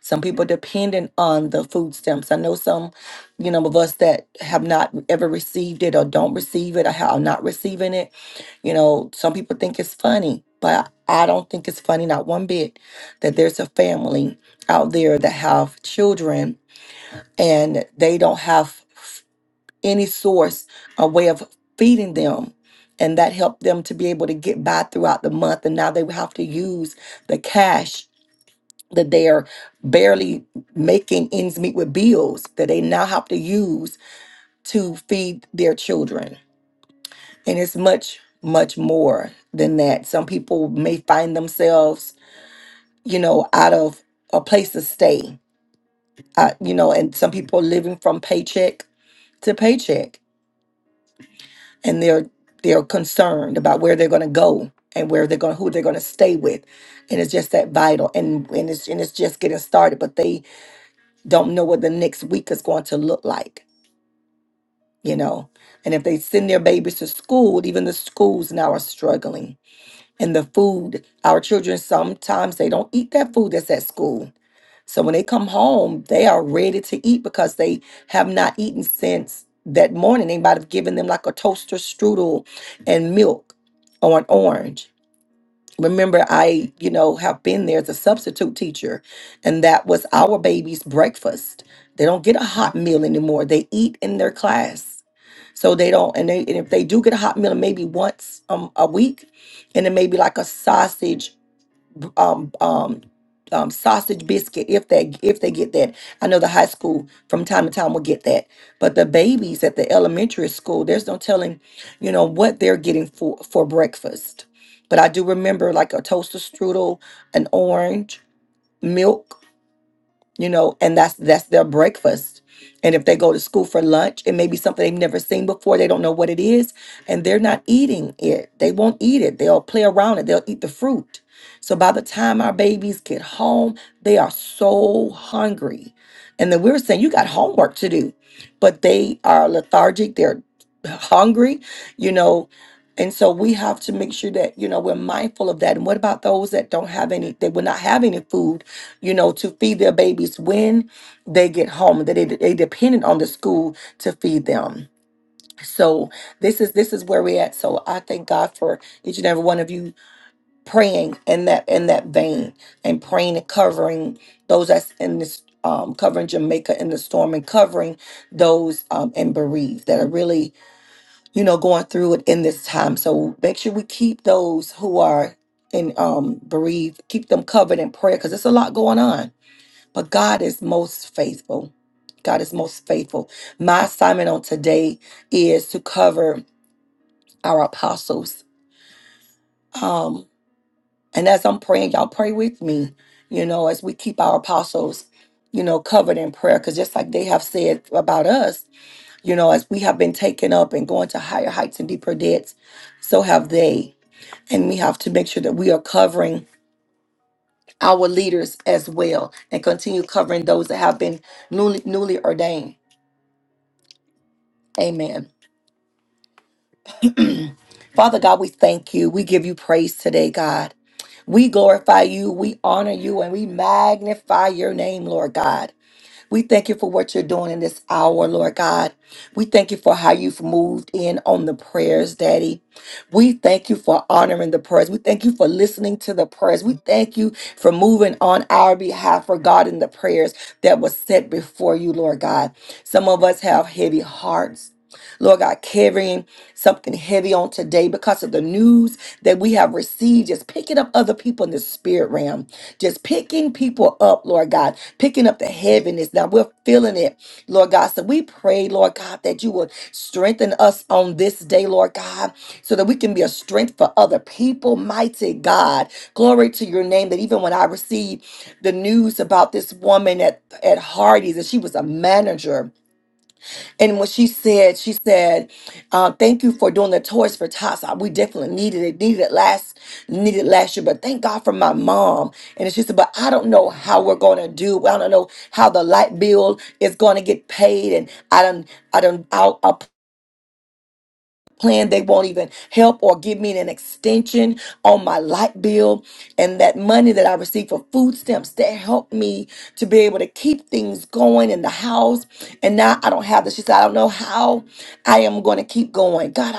Some people dependent on the food stamps. I know some, you know, of us that have not ever received it or don't receive it or how are not receiving it. You know, some people think it's funny, but I don't think it's funny, not one bit, that there's a family out there that have children and they don't have f- any source or way of feeding them. And that helped them to be able to get by throughout the month. And now they would have to use the cash that they are barely making ends meet with bills that they now have to use to feed their children. And it's much, much more than that. Some people may find themselves, you know, out of a place to stay, uh, you know, and some people are living from paycheck to paycheck and they're they're concerned about where they're going to go and where they're going who they're going to stay with and it's just that vital and and it's and it's just getting started but they don't know what the next week is going to look like, you know. And if they send their babies to school, even the schools now are struggling. And the food, our children sometimes they don't eat that food that's at school. So when they come home, they are ready to eat because they have not eaten since that morning. They might have given them like a toaster strudel and milk or an orange remember i you know have been there as a substitute teacher and that was our baby's breakfast they don't get a hot meal anymore they eat in their class so they don't and they and if they do get a hot meal maybe once um, a week and it may be like a sausage um um um, sausage biscuit if they if they get that i know the high school from time to time will get that but the babies at the elementary school there's no telling you know what they're getting for for breakfast but i do remember like a toaster strudel an orange milk you know and that's that's their breakfast and if they go to school for lunch it may be something they've never seen before they don't know what it is and they're not eating it they won't eat it they'll play around it they'll eat the fruit so by the time our babies get home they are so hungry and then we were saying you got homework to do but they are lethargic they're hungry you know and so we have to make sure that you know we're mindful of that and what about those that don't have any they will not have any food you know, to feed their babies when they get home. That they they dependent on the school to feed them. So this is this is where we're at. So I thank God for each and every one of you praying in that in that vein and praying and covering those that's in this um, covering Jamaica in the storm and covering those um, and bereaved that are really you know going through it in this time. So make sure we keep those who are in um, bereaved, keep them covered in prayer because it's a lot going on but God is most faithful. God is most faithful. My assignment on today is to cover our apostles. Um, and as I'm praying, y'all pray with me, you know, as we keep our apostles, you know, covered in prayer. Because just like they have said about us, you know, as we have been taken up and going to higher heights and deeper depths, so have they. And we have to make sure that we are covering our leaders as well and continue covering those that have been newly, newly ordained. Amen. Father God, we thank you. We give you praise today, God. We glorify you, we honor you, and we magnify your name, Lord God. We thank you for what you're doing in this hour, Lord God. We thank you for how you've moved in on the prayers, Daddy. We thank you for honoring the prayers. We thank you for listening to the prayers. We thank you for moving on our behalf regarding the prayers that was set before you, Lord God. Some of us have heavy hearts. Lord God, carrying something heavy on today because of the news that we have received, just picking up other people in the spirit realm, just picking people up, Lord God picking up the heaviness. Now we're feeling it, Lord God. So we pray, Lord God, that you would strengthen us on this day, Lord God, so that we can be a strength for other people. Mighty God, glory to your name. That even when I received the news about this woman at, at Hardy's, and she was a manager and when she said, she said, uh, "Thank you for doing the toys for tots. Uh, We definitely needed it. Needed it last. Needed it last year. But thank God for my mom." And she said, "But I don't know how we're going to do. I don't know how the light bill is going to get paid. And I don't. I don't plan. They won't even help or give me an extension on my light bill. And that money that I receive for food stamps, that helped me to be able to keep things going in the house. And now I don't have this. She said, I don't know how I am going to keep going. God,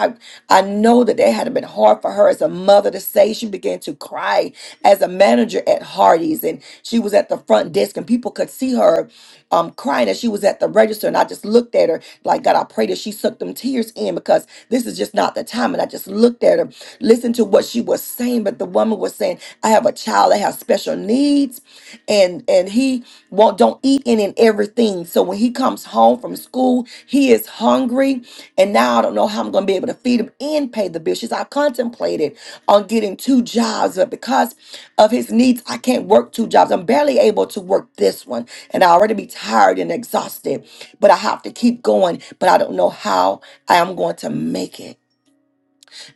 I, I know that that had been hard for her as a mother to say. She began to cry as a manager at Hardee's, and she was at the front desk, and people could see her um, crying as she was at the register. And I just looked at her like, God, I pray that she sucked them tears in because this is just not the time. And I just looked at her, listened to what she was saying, but the woman was saying, I have a child that has special needs, and and he won't don't eat any and everything things. So when he comes home from school, he is hungry. And now I don't know how I'm going to be able to feed him and pay the bills. She said, I contemplated on getting two jobs, but because of his needs, I can't work two jobs. I'm barely able to work this one. And I already be tired and exhausted, but I have to keep going. But I don't know how I am going to make it.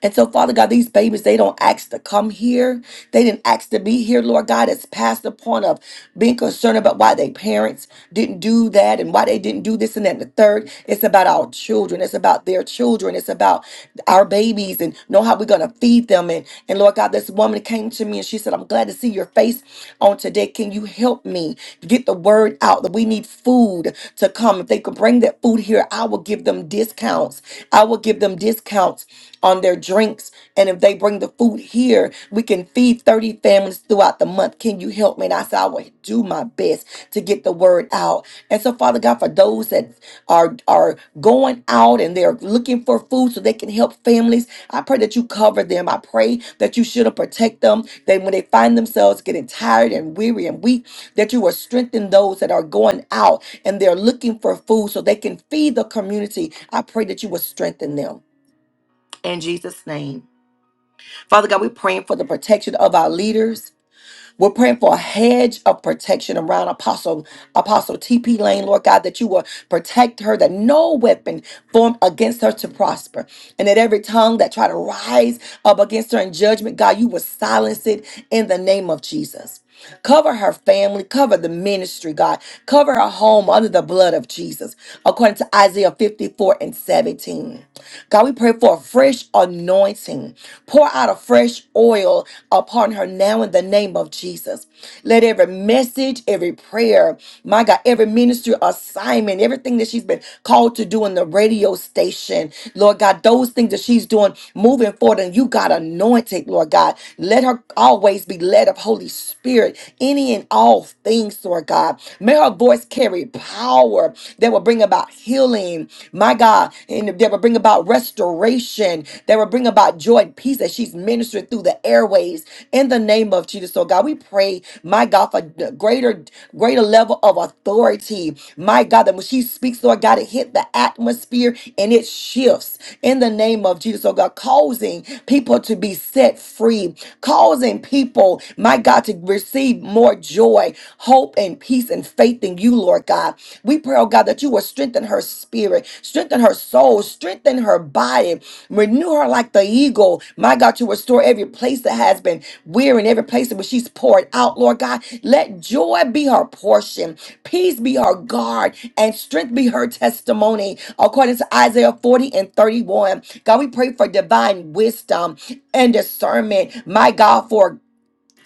And so, Father God, these babies, they don't ask to come here. They didn't ask to be here, Lord God. It's past the point of being concerned about why their parents didn't do that and why they didn't do this and that and the third. It's about our children. It's about their children. It's about our babies and know how we're going to feed them. And, and Lord God, this woman came to me and she said, I'm glad to see your face on today. Can you help me get the word out that we need food to come? If they could bring that food here, I will give them discounts. I will give them discounts on their drinks. And if they bring the food here, we can feed 30 families throughout the month. Can you help me? And I said, I will do my best to get the word out. And so, Father God, for those that are are going out and they're looking for food so they can help families, I pray that you cover them. I pray that you should protect them. That when they find themselves getting tired and weary and weak, that you will strengthen those that are going out and they're looking for food so they can feed the community. I pray that you will strengthen them in Jesus' name. Father God, we're praying for the protection of our leaders. We're praying for a hedge of protection around Apostle Apostle TP Lane, Lord God, that you will protect her, that no weapon formed against her to prosper, and that every tongue that try to rise up against her in judgment, God, you will silence it in the name of Jesus. Cover her family, cover the ministry, God. Cover her home under the blood of Jesus, according to Isaiah 54 and 17. God, we pray for a fresh anointing. Pour out a fresh oil upon her now in the name of Jesus of Jesus. Let every message, every prayer, my God, every ministry assignment, everything that she's been called to do in the radio station, Lord God, those things that she's doing moving forward, and you got anointed, Lord God. Let her always be led of Holy Spirit, any and all things, Lord God. May her voice carry power that will bring about healing, my God, and that will bring about restoration redemption that will bring about joy and peace that she's ministering through the airways in the name of Jesus. So, God, we pray, my God, for greater, greater level of authority, my God, that when she speaks, Lord God, it hit the atmosphere and it shifts in the name of Jesus. So, God, causing people to be set free, causing people, my God, to receive more joy, hope, and peace and faith in you, Lord God. God. We pray, oh God, that you will strengthen her spirit, strengthen her soul, strengthen her body, renew her like the eagle. My God, to restore every place that has been weary and every place where she's poured out, Lord God. Let joy be her portion, peace be her guard, and strength be her testimony, according to Isaiah 40 and 31. God, we pray for divine wisdom and discernment, my God, for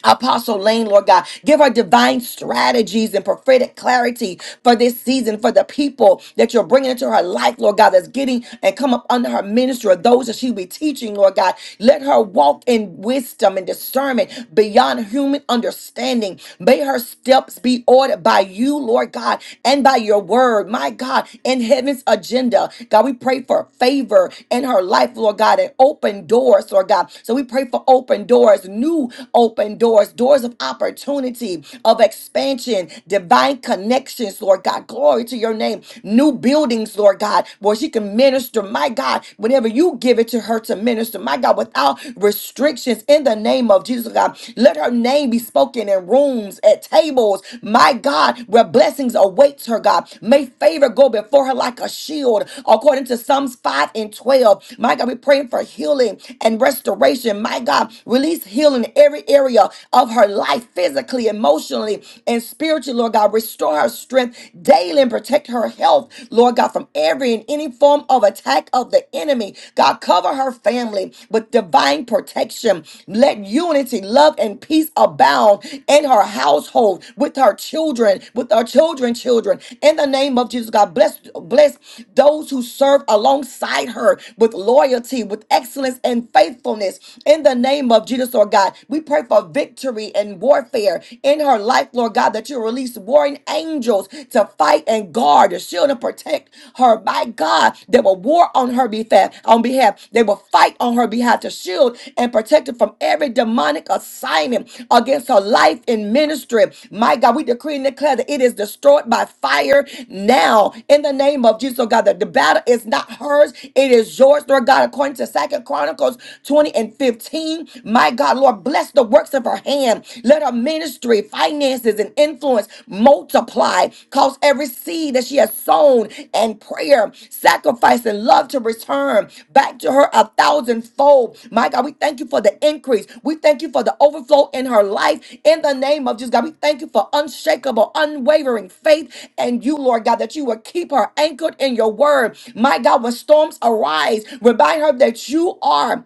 Apostle Lane, Lord God. Give her divine strategies and prophetic clarity for this season, for the people that you're bringing into her life, Lord God, that's getting and come up under her ministry, or those that she'll be teaching, Lord God. Let her walk in wisdom and discernment beyond human understanding. May her steps be ordered by you, Lord God, and by your word, my God, in heaven's agenda. God, we pray for favor in her life, Lord God, and open doors, Lord God. So we pray for open doors, new open doors, doors of opportunity, of expansion, divine connections, Lord God. Glory to your name. New buildings, Lord God, where she can minister, my God, whenever you give it to her to minister, my God, without restrictions in the name of Jesus, God. Let her name be spoken in rooms, at tables, my God, where blessings awaits her, God. May favor go before her like a shield, according to Psalms 5 and 12. My God, we're praying for healing and restoration. My God, release healing every area of her life, physically, emotionally, and spiritually, Lord God. Restore her strength daily and protect her health, Lord God, from every and any form of attack of the enemy. God, cover her family with divine protection. Let unity, love, and peace abound in her household, with her children, with her children, children. In the name of Jesus, God, bless, bless those who serve alongside her with loyalty, with excellence and faithfulness. In the name name of Jesus, Lord God. We pray for victory and warfare in her life, Lord God, that you release warring angels to fight and guard, to shield and protect her. My God, they will war on her behalf, on behalf. They will fight on her behalf to shield and protect her from every demonic assignment against her life in ministry. My God, we decree and declare that it is destroyed by fire now in the name of Jesus, oh God, that the battle is not hers, it is yours, Lord God, according to Second Chronicles 20 and and 15. My God, Lord, bless the works of her hand. Let her ministry, finances, and influence multiply. Cause every seed that she has sown and prayer, sacrifice, and love to return back to her a thousandfold. My God, we thank you for the increase. We thank you for the overflow in her life. In the name of Jesus, God, we thank you for unshakable, unwavering faith. And you, Lord God, that you will keep her anchored in your word. My God, when storms arise, remind her that you are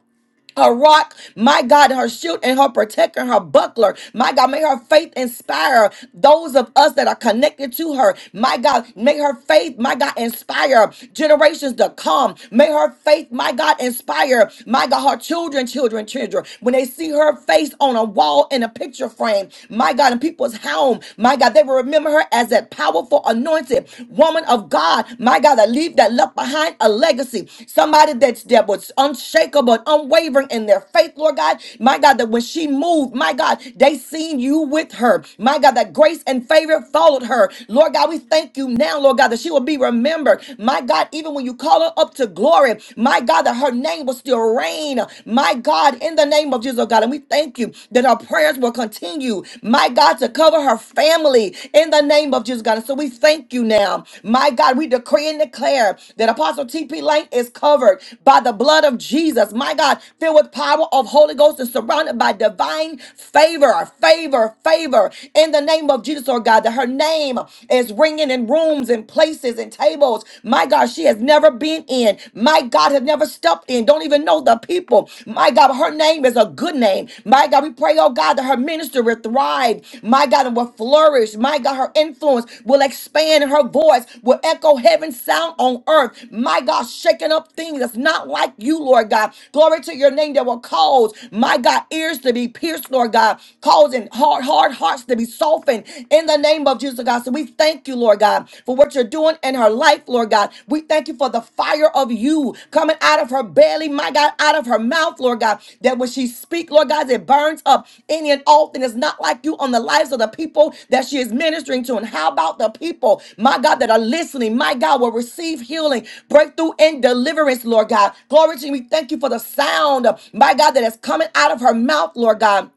her rock, my God, her shield and her protector, her buckler. My God, may her faith inspire those of us that are connected to her. My God, may her faith, my God, inspire generations to come. May her faith, my God, inspire, my God, her children, children, children. When they see her face on a wall in a picture frame, my God, in people's home, my God, they will remember her as that powerful, anointed woman of God. God, my God, that leave that left behind a legacy. Somebody that's that was unshakable and unwavering in their faith, Lord God. My God, that when she moved, my God, they seen you with her. My God, that grace and favor followed her. Lord God, we thank you now, Lord God, that she will be remembered. My God, even when you call her up to glory, my God, that her name will still reign. My God, in the name of Jesus, oh God, and we thank you that our prayers will continue you, my God, to cover her family in the name of Jesus, God. And so we thank you now, my God. We decree and declare that Apostle T.P. Lane is covered by the blood of Jesus, my God, filled with power of Holy Ghost and surrounded by divine favor, favor, favor in the name of Jesus, oh God, that her name is ringing in rooms and places and tables, my God, she has never been in, my God, has never stepped in name, don't even know the people. My God, her name is a good name. My God, we pray, oh God, that her ministry will thrive. My God, and will flourish. My God, her influence will expand and her voice will echo heaven's sound on earth. My God, shaking up things that's not like you, Lord God. Glory to your name that will cause, my God, ears to be pierced, Lord God, causing hard, hard hearts to be softened in the name of Jesus, God. So we thank you, Lord God. God, for what you're doing in her life, Lord God. We thank you for the fire of you coming out of her belly, my God, out of her mouth, Lord God, that when she speaks, Lord God, it burns up any and all thing that's not like you on the lives of the people that she is ministering to. And how about the people, my God, that are listening, my God, will receive healing, breakthrough, and deliverance, Lord God. Glory to you. We thank you for the sound, my God, that is coming out of her mouth, Lord God.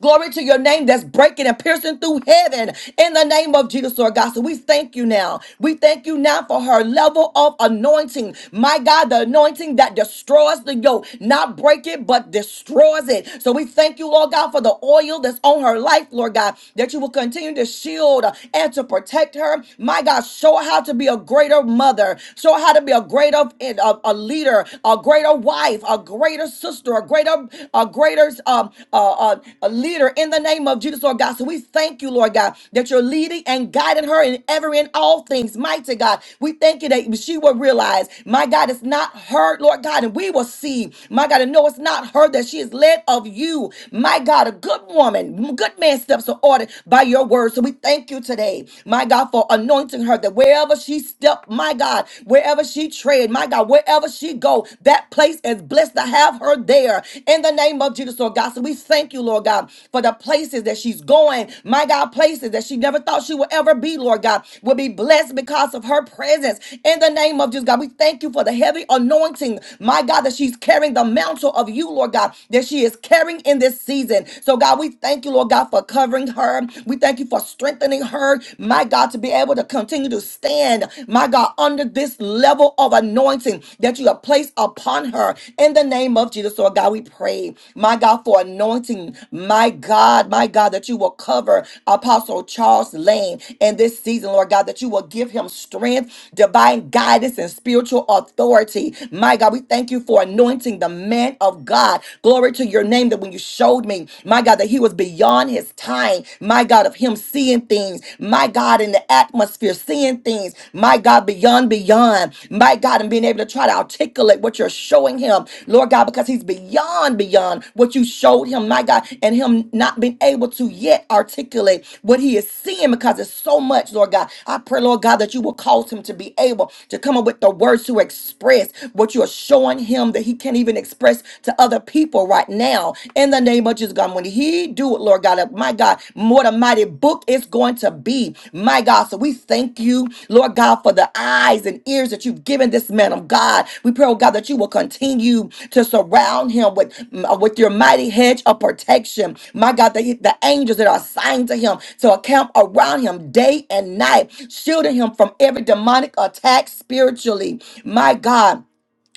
Glory to your name that's breaking and piercing through heaven in the name of Jesus, Lord God. So we thank you now. We thank you now for her level of anointing. My God, the anointing that destroys the yoke, not break it, but destroys it. So we thank you, Lord God, for the oil that's on her life, Lord God, that you will continue to shield and to protect her. My God, show her how to be a greater mother, show her how to be a greater a, a leader, a greater wife, a greater greater sister, a greater, a greater um, uh, uh, a leader in the name of Jesus, Lord God. So we thank you, Lord God, that you're leading and guiding her in every and all things. Mighty God, we thank you that she will realize, my God, it's not her, Lord God, and we will see, my God, and know it's not her that she is led of you. My God, a good woman, good man steps are ordered by your word. So we thank you today, my God, for anointing her that wherever she stepped, my God, wherever she she tread. My God, wherever she go, that place is blessed to have her there. In the name of Jesus, Lord God. So we thank you, Lord God, for the places that she's going. My God, places that she never thought she would ever be, Lord God, will be blessed because of her presence. In the name of Jesus, God, we thank you for the heavy anointing. My God, that she's carrying the mantle of you, Lord God, that she is carrying in this season. So, God, we thank you, Lord God, for covering her. We thank you for strengthening her. My God, to be be able to continue to stand, my God, under this level of anointing that you have placed upon her in the name of Jesus. Lord God, we pray, my God, for anointing, my God, my God, that you will cover Apostle Charles Lane in this season, Lord God, that you will give him strength, divine guidance, and spiritual authority. My God, we thank you for anointing the man of God. Glory to your name that when you showed me, my God, that he was beyond his this time, my God, of him seeing things, my God, in the atmosphere, seeing things, my God, beyond, beyond, my God, and being able to try to articulate what you're showing him, Lord God, because he's beyond, beyond what you showed him, my God, and him not being able to yet articulate what he is seeing because it's so much, Lord God. I pray, Lord God, that you will cause him to be able to come up with the words to express what you are showing him that he can't even express to other people people right now in the name of Jesus, God. When He do it, Lord God, uh, my God, what a mighty book it's going to be, my God. So we thank you, Lord God, for the eyes and ears that you've given this man of God. We pray, oh God, that you will continue to surround him with mm, uh, with your mighty hedge of protection, my God. The, the angels that are assigned to him to account around him day and night, shielding him from every demonic attack spiritually, my God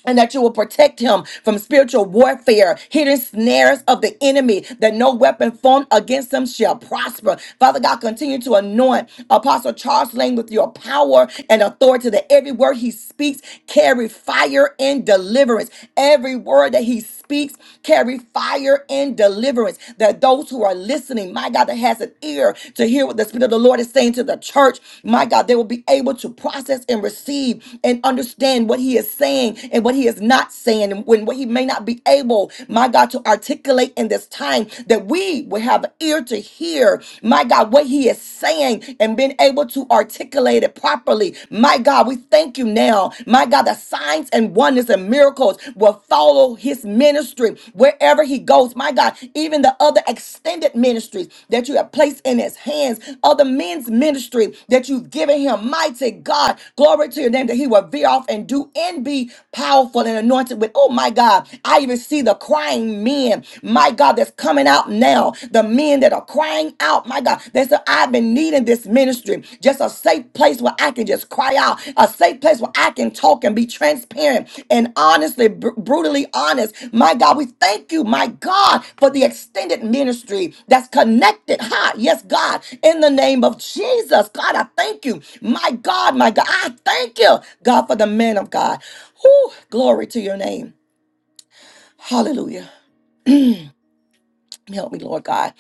and that you will protect him from spiritual warfare, hidden snares of the enemy, that no weapon formed against him shall prosper. Father God, continue to anoint Apostle Charles Lane with your power and authority, that every word he speaks carry fire and deliverance. Every word that he speaks carry fire and deliverance. That those who are listening, my God, that has an ear to hear what the Spirit of the Lord is saying to the church. My God, they will be able to process and receive and understand what He is saying and what He is not saying, and when what He may not be able, my God, to articulate in this time, that we will have an ear to hear, my God, what He is saying and being able to articulate it properly. My God, we thank you now, my God, the signs and wonders and miracles miracles will follow his ministry wherever he goes. My God, even the other extended ministries that you have placed in his hands, other men's ministry that you've given him. Mighty God, glory to your name that he will veer off and do and be powerful and anointed with. Oh my God, I even see the crying men, my God, that's coming out now. The men that are crying out, my God, that's I've been needing this ministry, just a safe place where I can just cry out, a safe place where I can talk and be transparent and honestly, br- brutally honest. My God, we thank you, my God, for the extended ministry that's connected. Ha, yes, God, in the name of Jesus. God, I thank you. My God, my God, I thank you, God, for the man of God. Whew, glory to your name. Hallelujah. Help me, Lord God.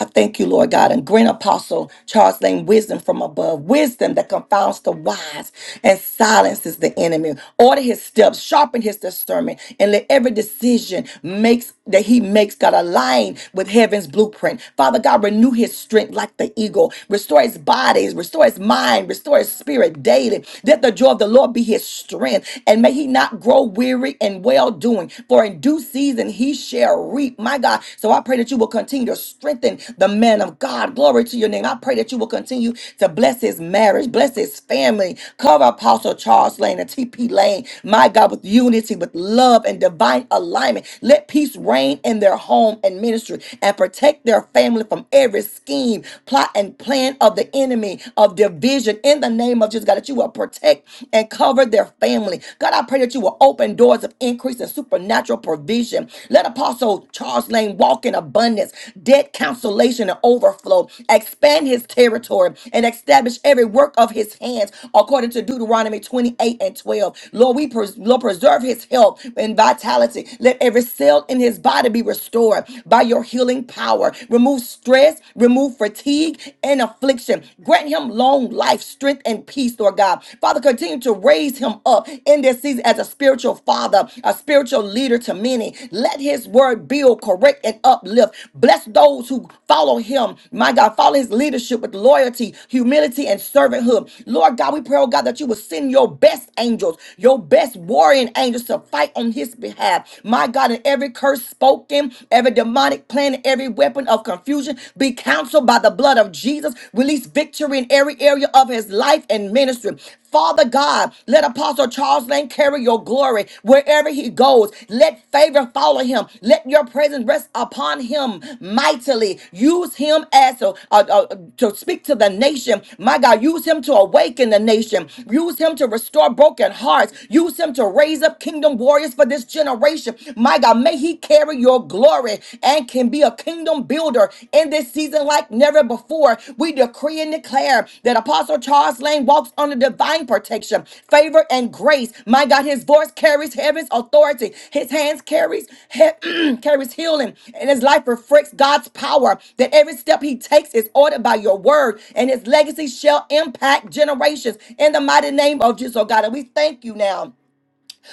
I thank you, Lord God, and grant Apostle Charles Lane wisdom from above, wisdom that confounds the wise and silences the enemy. Order his steps, sharpen his discernment, and let every decision makes that he makes God align with heaven's blueprint. Father God, renew his strength like the eagle. Restore his bodies, restore his mind, restore his spirit daily. Let the joy of the Lord be his strength, and may he not grow weary in well doing. For in due season season, he shall reap. My God. So I pray that you will continue to strengthen the man of God. Glory to your name. I pray that you will continue to bless his marriage, bless his family. Cover Apostle Charles Lane and TP Lane. My God, with unity, with love and divine alignment. Let peace reign in their home and ministry and protect their family from every scheme, plot, and plan of the enemy of division in the name of Jesus God. That you will protect and cover their family family. God, I pray that you will open doors of increase and supernatural provision. Let Apostle Charles Lane walk in abundance, debt cancellation and overflow. Expand his territory and establish every work of his hands according to Deuteronomy 28 and 12. Lord, we pres- Lord, preserve his health and vitality. Let every cell in his body be restored by your healing power. Remove stress, remove fatigue and affliction. Grant him long life life, strength, and peace, Lord God. Father, continue to raise him up in this season as a spiritual father, a spiritual leader to many. Let his word build, correct, and uplift. Bless those who follow him, my God. Follow his leadership with loyalty, humility, and servanthood. Lord God, we pray, oh God, that you will send your best angels, your best warrior angels to fight on his behalf. My God, in every curse spoken, every demonic plan, every weapon of confusion, be counseled by the blood of Jesus, release victory in every area of his life and ministry. Father God, let Apostle Charles Lane carry your glory wherever he goes. Let favor follow him. Let your presence rest upon him mightily. Use him as a, a- a- to speak to the nation. My God, use him to awaken the nation. Use him to restore broken hearts. Use him to raise up kingdom warriors for this generation. My God, may he he carry your glory and can be a kingdom builder in this season like never before. We decree and declare that Apostle Charles Lane walks under divine protection, favor, and grace. My God, his voice carries heaven's authority. His hands carries he- carries healing, and his life reflects God's power. That every step he takes is ordered by your word, and his legacy shall impact generations. In the mighty name of Jesus, oh God, and we thank you now.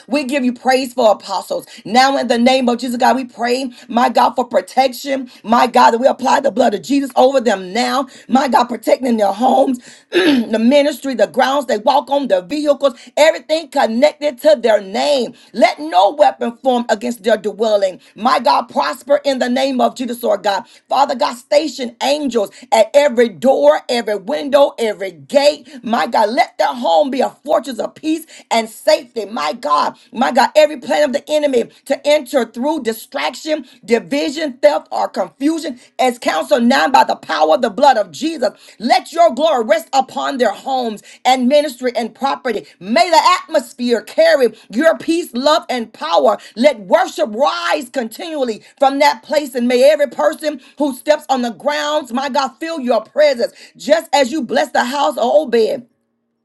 We give you praise for apostles. Now, in the name of Jesus, God, we pray, my God, for protection. My God, that we apply the blood of Jesus over them now. My God, protecting their homes, the ministry, the grounds they walk on, their vehicles, everything connected to their name. Let no weapon form against their dwelling. My God, prosper in the name of Jesus, Lord God. Father God, station angels at every door, every window, every gate. My God, let their home be a fortress of peace peace and safety. My God, my God, every plan of the enemy to enter through distraction, division, theft, or confusion is counseled now by the power of the blood of Jesus. Let your glory rest upon their homes and ministry and property. May the atmosphere carry your peace, love, and power. Let worship rise continually from that place, and may every person who steps on the grounds, my God, feel your presence. Just as you bless the house of Obed.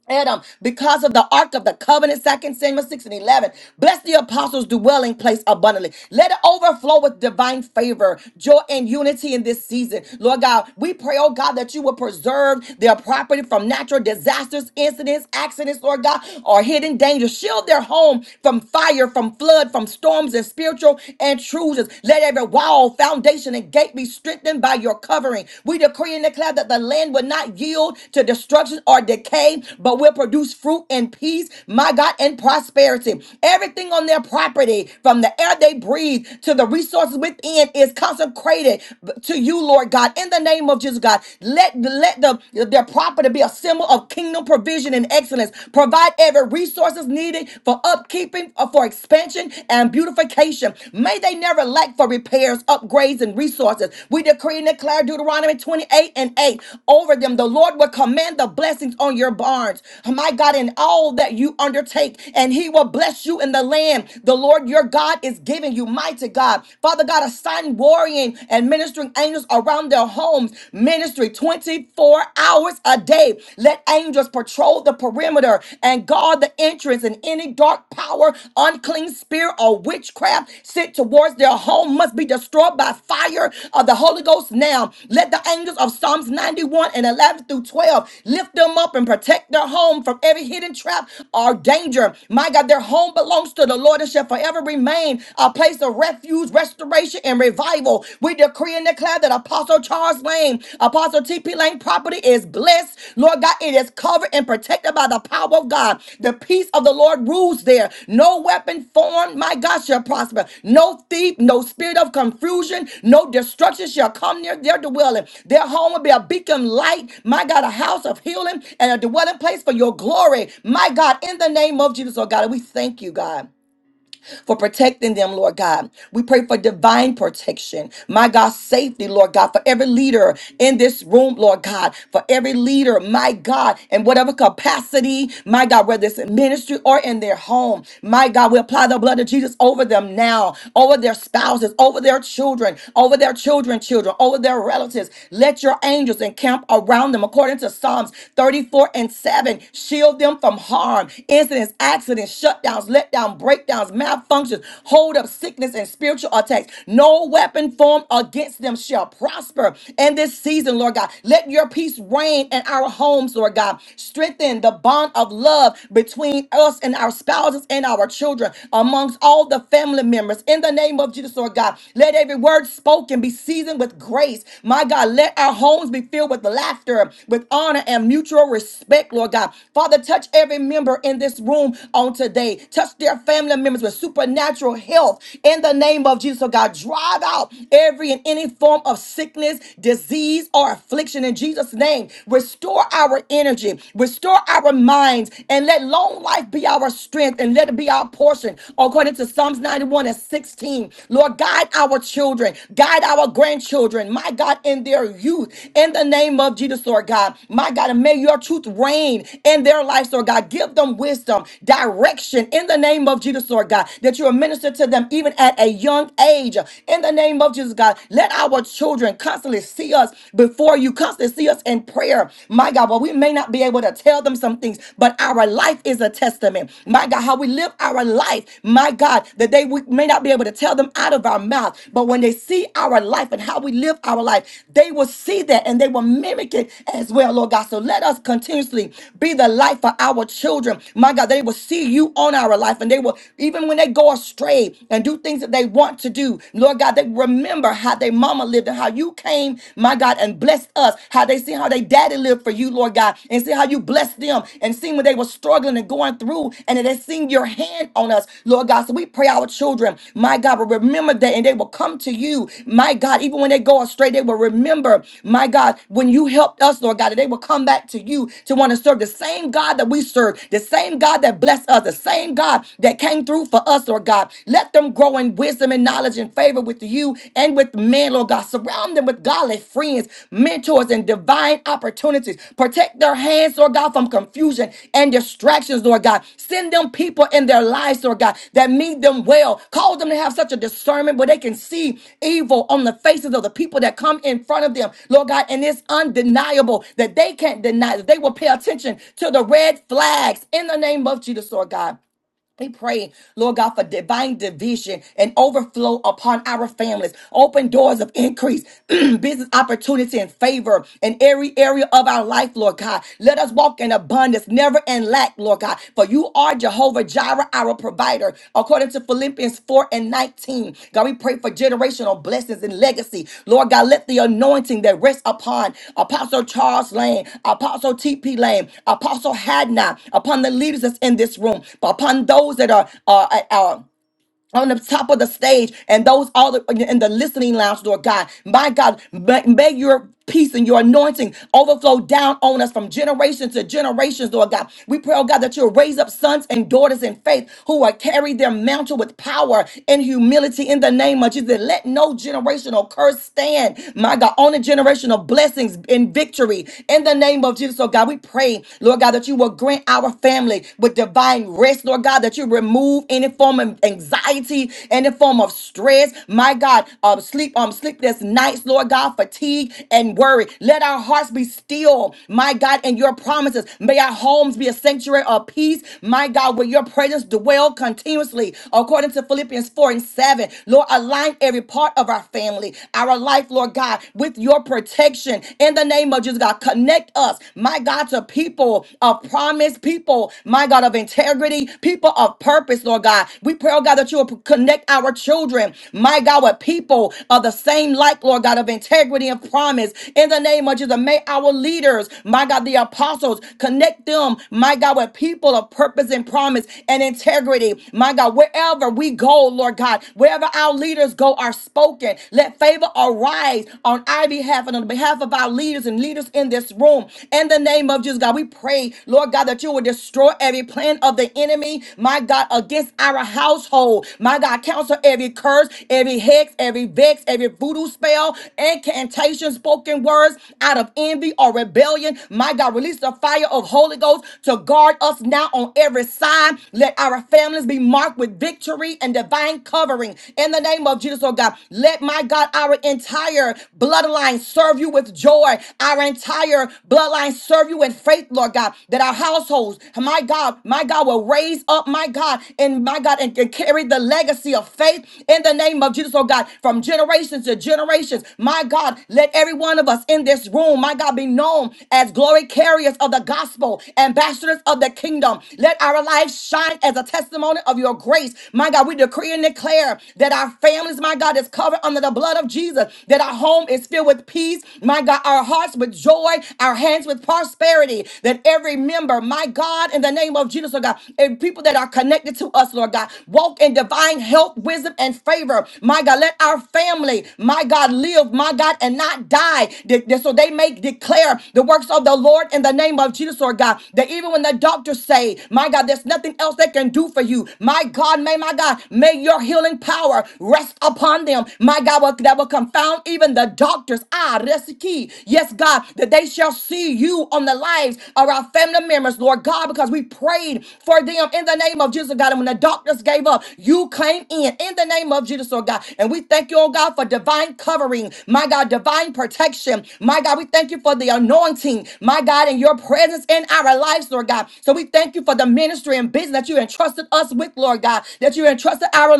Adam, because of the ark of the covenant, Second Samuel 6 and 11. Bless the apostles' dwelling place abundantly. Let it overflow with divine favor, joy, and unity in this season. Lord God, we pray, oh God, that you will preserve their property from natural disasters, incidents, accidents, Lord God, or hidden dangers. Shield their home from fire, from flood, from storms and spiritual intrusions. Let every wall, foundation, and gate be strengthened by by your covering. We decree and declare that the land will not yield to destruction or decay, but will produce fruit and peace, my God, and prosperity. Everything on their property, from the air they breathe to the resources within, is consecrated to you, Lord God. In the name of Jesus, God, let, let the, their property be a symbol of kingdom provision and excellence. Provide every resources needed for upkeeping, uh, for expansion redemption and beautification. May they never lack for repairs, upgrades, and resources. We decree and declare Deuteronomy 28 and 8 over them. The Lord will command the blessings on your barns, my God, in all that you undertake, and He will bless you in the land the Lord your God is giving you. Mighty God, Father God, assign warring and ministering angels around their homes, ministry 24 hours a day. Let angels angels patrolled the perimeter and guard the entrance, and any dark power, unclean spirit, or witchcraft sent towards their home must be destroyed by fire of the Holy Ghost now. Let the angels of Psalms 91 and 11 through 12 lift them up and protect their home from every hidden trap or danger. My God, their home belongs to the Lord and shall forever remain a place of refuge, restoration, and revival. We decree and and declare that Apostle Charles Lane, Apostle T.P. Lane property is blessed. Lord God, it is covered and protected by the power of God. The peace of the Lord rules there. No weapon formed, my God, shall prosper. No thief, no spirit of confusion, no destruction shall come near their dwelling. Their home will be a beacon light, my God, a house of healing and a dwelling place for your glory, my God, in the name of Jesus, oh God. And we thank you, God for protecting them, Lord God. We pray for divine protection. My God, safety, Lord God, for every leader in this room, Lord God, for every leader, my God, in whatever capacity, my God, whether it's in ministry or in their home, my God, we apply the blood of Jesus over them now, over their spouses, over their children, over their children, children, over their relatives. Let your angels encamp around them according to Psalms 34 and 7. Shield them from harm, incidents, accidents, shutdowns, letdowns, breakdowns, malfunctions, hold up sickness, and spiritual attacks. No weapon formed against them shall prosper. In this season, Lord God, let your peace reign in our homes, Lord God. Strengthen the bond of love between us and our spouses and our children, amongst all the family members. In the name of Jesus, Lord God, let every word spoken be seasoned with grace. My God, let our homes be filled with laughter, with honor, and mutual respect, Lord God. Father, touch every member in this room on today. Touch their family family members with supernatural health in the name of Jesus. So, God, drive out every and any form of sickness, disease, or affliction in Jesus' name. Restore our energy, restore our minds, and let long life be our strength and let it be our portion. According to Psalms 91 and 16, Lord, guide our children, guide our grandchildren, my God, in their youth, in the name of Jesus, Lord God. My God, and may your truth reign in their lives, Lord God. Give them wisdom, direction in the name of Jesus of Jesus, Lord God, that you will minister to them even at a young age. In the name of Jesus, God, let our children constantly see us before you, constantly see us in prayer. My God, well, we may not be able to tell them some things, but our life is a testament. My God, how we live our life, my God, that they we may not be able to tell them out of our mouth, but when they see our life and how we live our life, they will see that and they will mimic it as well, Lord God. So let us continuously be the light for our children. My God, they will see you on our life and they will, even when they go astray and do things that they want to do, Lord God, they remember how their mama lived and how you came, my God, and blessed us, how they see how they daddy lived for you, Lord God, and see how you blessed them and seen when they were struggling and going through and they seen your hand on us, Lord God. So we pray our children, my God, will remember that and they will come to you, my God, even when they go astray, they will remember, my God, when you helped us, Lord God, that they will come back to you to want to serve the same God that we serve, the same God that blessed us, the same God. God, that came through for us, Lord God. Let them grow in wisdom and knowledge and favor with you and with men, Lord God. Surround them with godly friends, mentors, and divine opportunities. Protect their hands, Lord God, from confusion and distractions, Lord God. Send them people in their lives, Lord God, that meet them well. Cause them to have such a discernment where they can see evil on the faces of the people that come in front of them, Lord God. And it's undeniable that they can't deny that they will pay attention to the red flags in the name of Jesus, Lord God. They pray, Lord God, for divine division and overflow upon our families. Open doors of increase, business opportunity and favor in every area of our life, Lord God. Let us walk in abundance, never in lack, Lord God. For you are Jehovah Jireh, our provider provider, according to Philippians 4 and 19. God, we pray for generational blessings and legacy. Lord God, let the anointing that rests upon Apostle Charles Lane, Apostle T.P. Lane, Apostle Hadna, upon the leaders that's in this room, upon those that are, are, are on the top of the stage and those all the, in the listening lounge, Lord God. My God, may, may your peace and your anointing overflow down on us from generation to generations, Lord God. We pray, oh God, that you'll raise up sons and daughters in faith who will carry their mantle with power and humility in the name of Jesus. Let no generational curse stand, my God, on the generational blessings and victory in the name of Jesus, oh God. We pray, Lord God, that you will grant our family with divine rest, Lord God, that that you remove any form of anxiety, any form of stress. My God, um, sleep, um, sleepless nights, Lord God, fatigue and worry. Let our hearts be still, my God, in your promises. May our homes be a sanctuary of peace, my God, where your presence dwell continuously, according to Philippians 4 and 7. Lord, align every part of our family, our life, Lord God, with your protection in the name of Jesus, God. Connect us, my God, to people of promise, people people, my God, of integrity, people of purpose, Lord God. We pray, oh God, that you will connect our children, my God, with people of the same like, Lord God, of integrity and promise. In the name of Jesus, may our leaders, my God, the apostles, connect them, my God, with people of purpose and promise and integrity. My God, wherever we go, Lord God, wherever our leaders go are spoken. Let favor arise on our behalf and on behalf of our leaders and leaders in this room. In the name of of Jesus, God. We pray, Lord God, that you would destroy every plan of the enemy, my God, against our household. My God, counsel every curse, every hex, every vex, every voodoo spell, incantation, spoken words out of envy or rebellion. My God, release the fire of Holy Ghost to guard us now on every side. Let our families be marked with victory and divine covering. In the name of Jesus, oh God, let my God, our entire bloodline serve you with joy. Our entire bloodline serve you in faith, Lord God, that our households, my God, my God, will raise up, my God, and my God, and, and carry the legacy of faith in the name of Jesus, oh God, from generations to generations. My God, let every one of us in this room, my God, be known as glory carriers of the gospel, ambassadors of the kingdom. Let our lives shine as a testimony of your grace. My God, we decree and declare that our families, my God, is covered under the blood of Jesus, that our home home is filled with peace. My God, our hearts with joy, our hands with prosperity. That every member, my God, in the name of Jesus, Lord God, and people that are connected to us, Lord God, walk in divine health, wisdom, and favor. My God, let our family, my God, live, my God, and not die. De- de- So they may declare the works of the Lord in the name of Jesus, Lord God. That even when the doctors say, my God, there's nothing else they can do for you, my God, may my God, may your healing power rest upon them wisdom, my God, will- that will confound even the doctors. Ah, that's the key. Yes, God, that they shall see you on the lives of our family members, Lord God, because we prayed for them in the name of Jesus, God. And when the doctors gave up, you came in in the name of Jesus, Lord God. And we thank you, oh God, for divine covering, my God, divine protection. My God, we thank you for the anointing, my God, and your presence in our lives, Lord God. So we thank you for the ministry and business that you entrusted us with, Lord God, that you entrusted our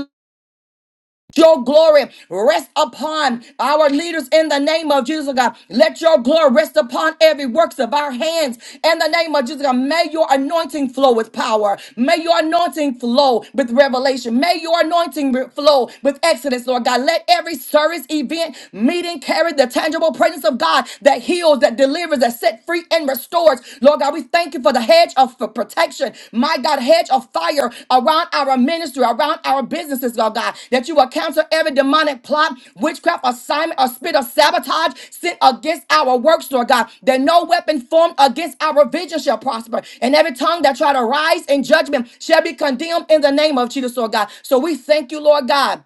your glory rest upon our leaders in the name of Jesus oh God. Let your glory rest upon every works of our hands in the name of Jesus oh God. May your anointing flow with power. May your anointing flow with revelation. May your anointing re- flow with excellence, Lord God. Let every service, event, meeting carry the tangible presence of God that heals, that delivers, that set free and restores church. Lord God, we thank you for the hedge of for protection. My God, hedge of fire around our ministry, around our businesses, Lord God, that you will cancel every demonic plot, witchcraft, assignment, or spirit of sabotage sent against our works, Lord God, that no weapon formed against our vision shall prosper. And every tongue that try to rise in judgment shall be condemned in the name of Jesus, Lord God. So we thank you, Lord God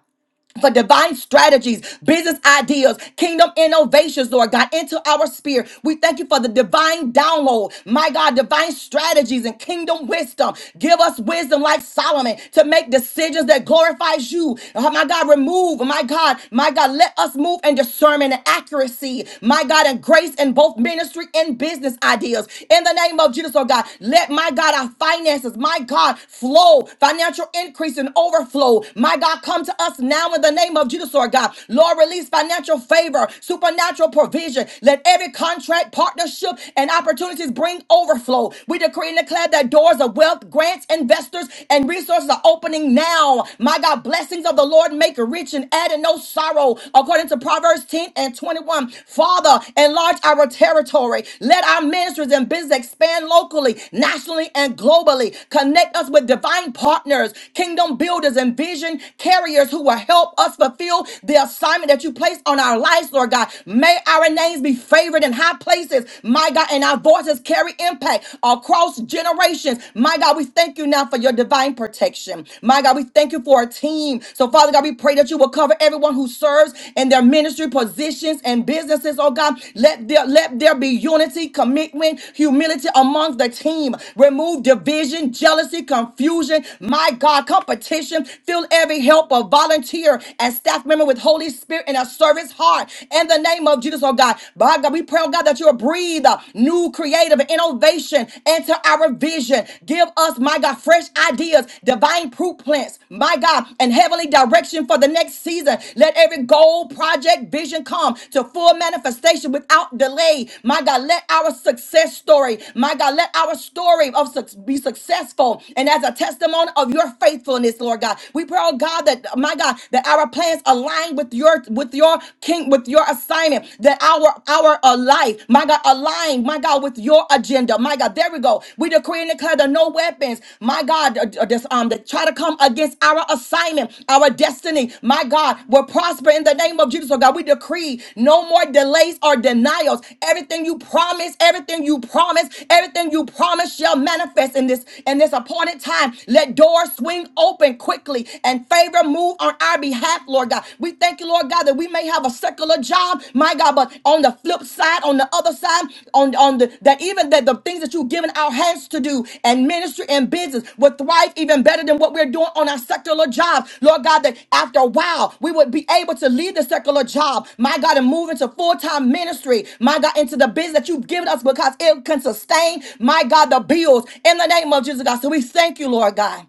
for divine strategies, business ideas, kingdom innovations, Lord God, into our spirit. We thank you for the divine download. My God, divine strategies and kingdom wisdom. Give us wisdom like Solomon to make decisions that glorifies you. Oh, my God, remove, my God, my God, let us move in discernment and accuracy. My God, and grace in both ministry and business ideas. In the name of Jesus, oh God, let my God, our finances, my God, flow, financial increase and overflow. My God, come to us us now in the name of Jesus, Lord God. Lord, release financial favor, supernatural provision. Let every contract, partnership, and opportunities bring overflow. We decree and declare that doors of wealth, grants, investors, and resources are opening now. My God, blessings of the Lord make rich and add in no sorrow. According to Proverbs 10 and 21, Father, enlarge our territory. Let our ministries and business expand locally, nationally, and globally. Connect us with divine partners, kingdom builders, and vision carriers who will help us fulfill the assignment that you placed on our lives, Lord God. May our names be favored in high places, my God, and our voices carry impact across generations. My God, we thank you now for your divine protection. My God, we thank you for a team. So, Father God, we pray that you will cover everyone who serves in their ministry positions and businesses, oh God. Let there, let there be unity, commitment, humility amongst the team. Remove division, jealousy, confusion, my God, competition, Fill every helper, volunteer, and staff member with Holy Spirit and a service heart. In the name of Jesus, oh God. By God, we pray, oh God, that you'll breathe uh, new creative and innovation into our vision. Give us, my God, fresh ideas, divine blueprints, my God, and heavenly direction for the next season. Let every goal, project, vision come to full manifestation without delay. My God, let our success story, my God, let our story of suc- be successful and as a testimony of your faithfulness, Lord. Lord God. We pray, oh God, that my God, that our plans align with your with your king, with your assignment, that our our uh, life, my God, align, my God, with your agenda. My God, there we go. We decree and declare that no weapons, my God, uh, uh, this, um, that try to come against our assignment, our destiny, my God, will prosper in the name of Jesus. Oh God, we decree no more delays or denials. Everything you promise, everything you promise, everything you promise shall manifest in this in this appointed time. Let doors swing wing open quickly and favor move on our behalf, Lord God. We thank you, Lord God, that we may have a secular job, my God, but on the flip side, on the other side, on, on the that even that the things that you've given our hands to do and ministry and business would thrive even better than what we're doing on our secular jobs. Lord God, that after a while we would be able to leave the secular job, my God, and move into full-time ministry, my God, into the business that you've given us because it can sustain, my God, the bills in the name of Jesus, God. So we thank you, Lord God.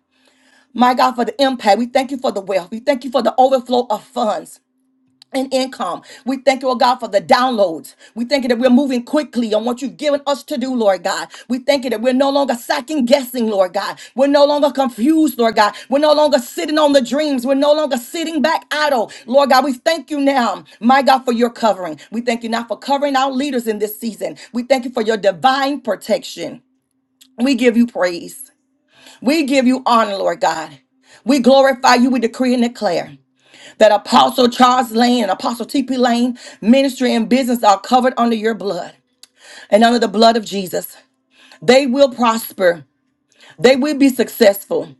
My God, for the impact. We thank you for the wealth. We thank you for the overflow of funds. And income. We thank you, oh God, for the downloads. We thank you that we're moving quickly on what you've given us to do, Lord God. We thank you that we're no longer second guessing, Lord God. We're no longer confused, Lord God. We're no longer sitting on the dreams. We're no longer sitting back idle. Lord God, we thank you now, my God, for your covering. We thank you now for covering our leaders in this season. We thank you for your divine protection. We give you praise. We give you honor, Lord God. We glorify you. We decree and declare that Apostle Charles Lane and Apostle T.P. Lane ministry and business are covered under your blood and under the blood of Jesus. They will prosper. They will be successful.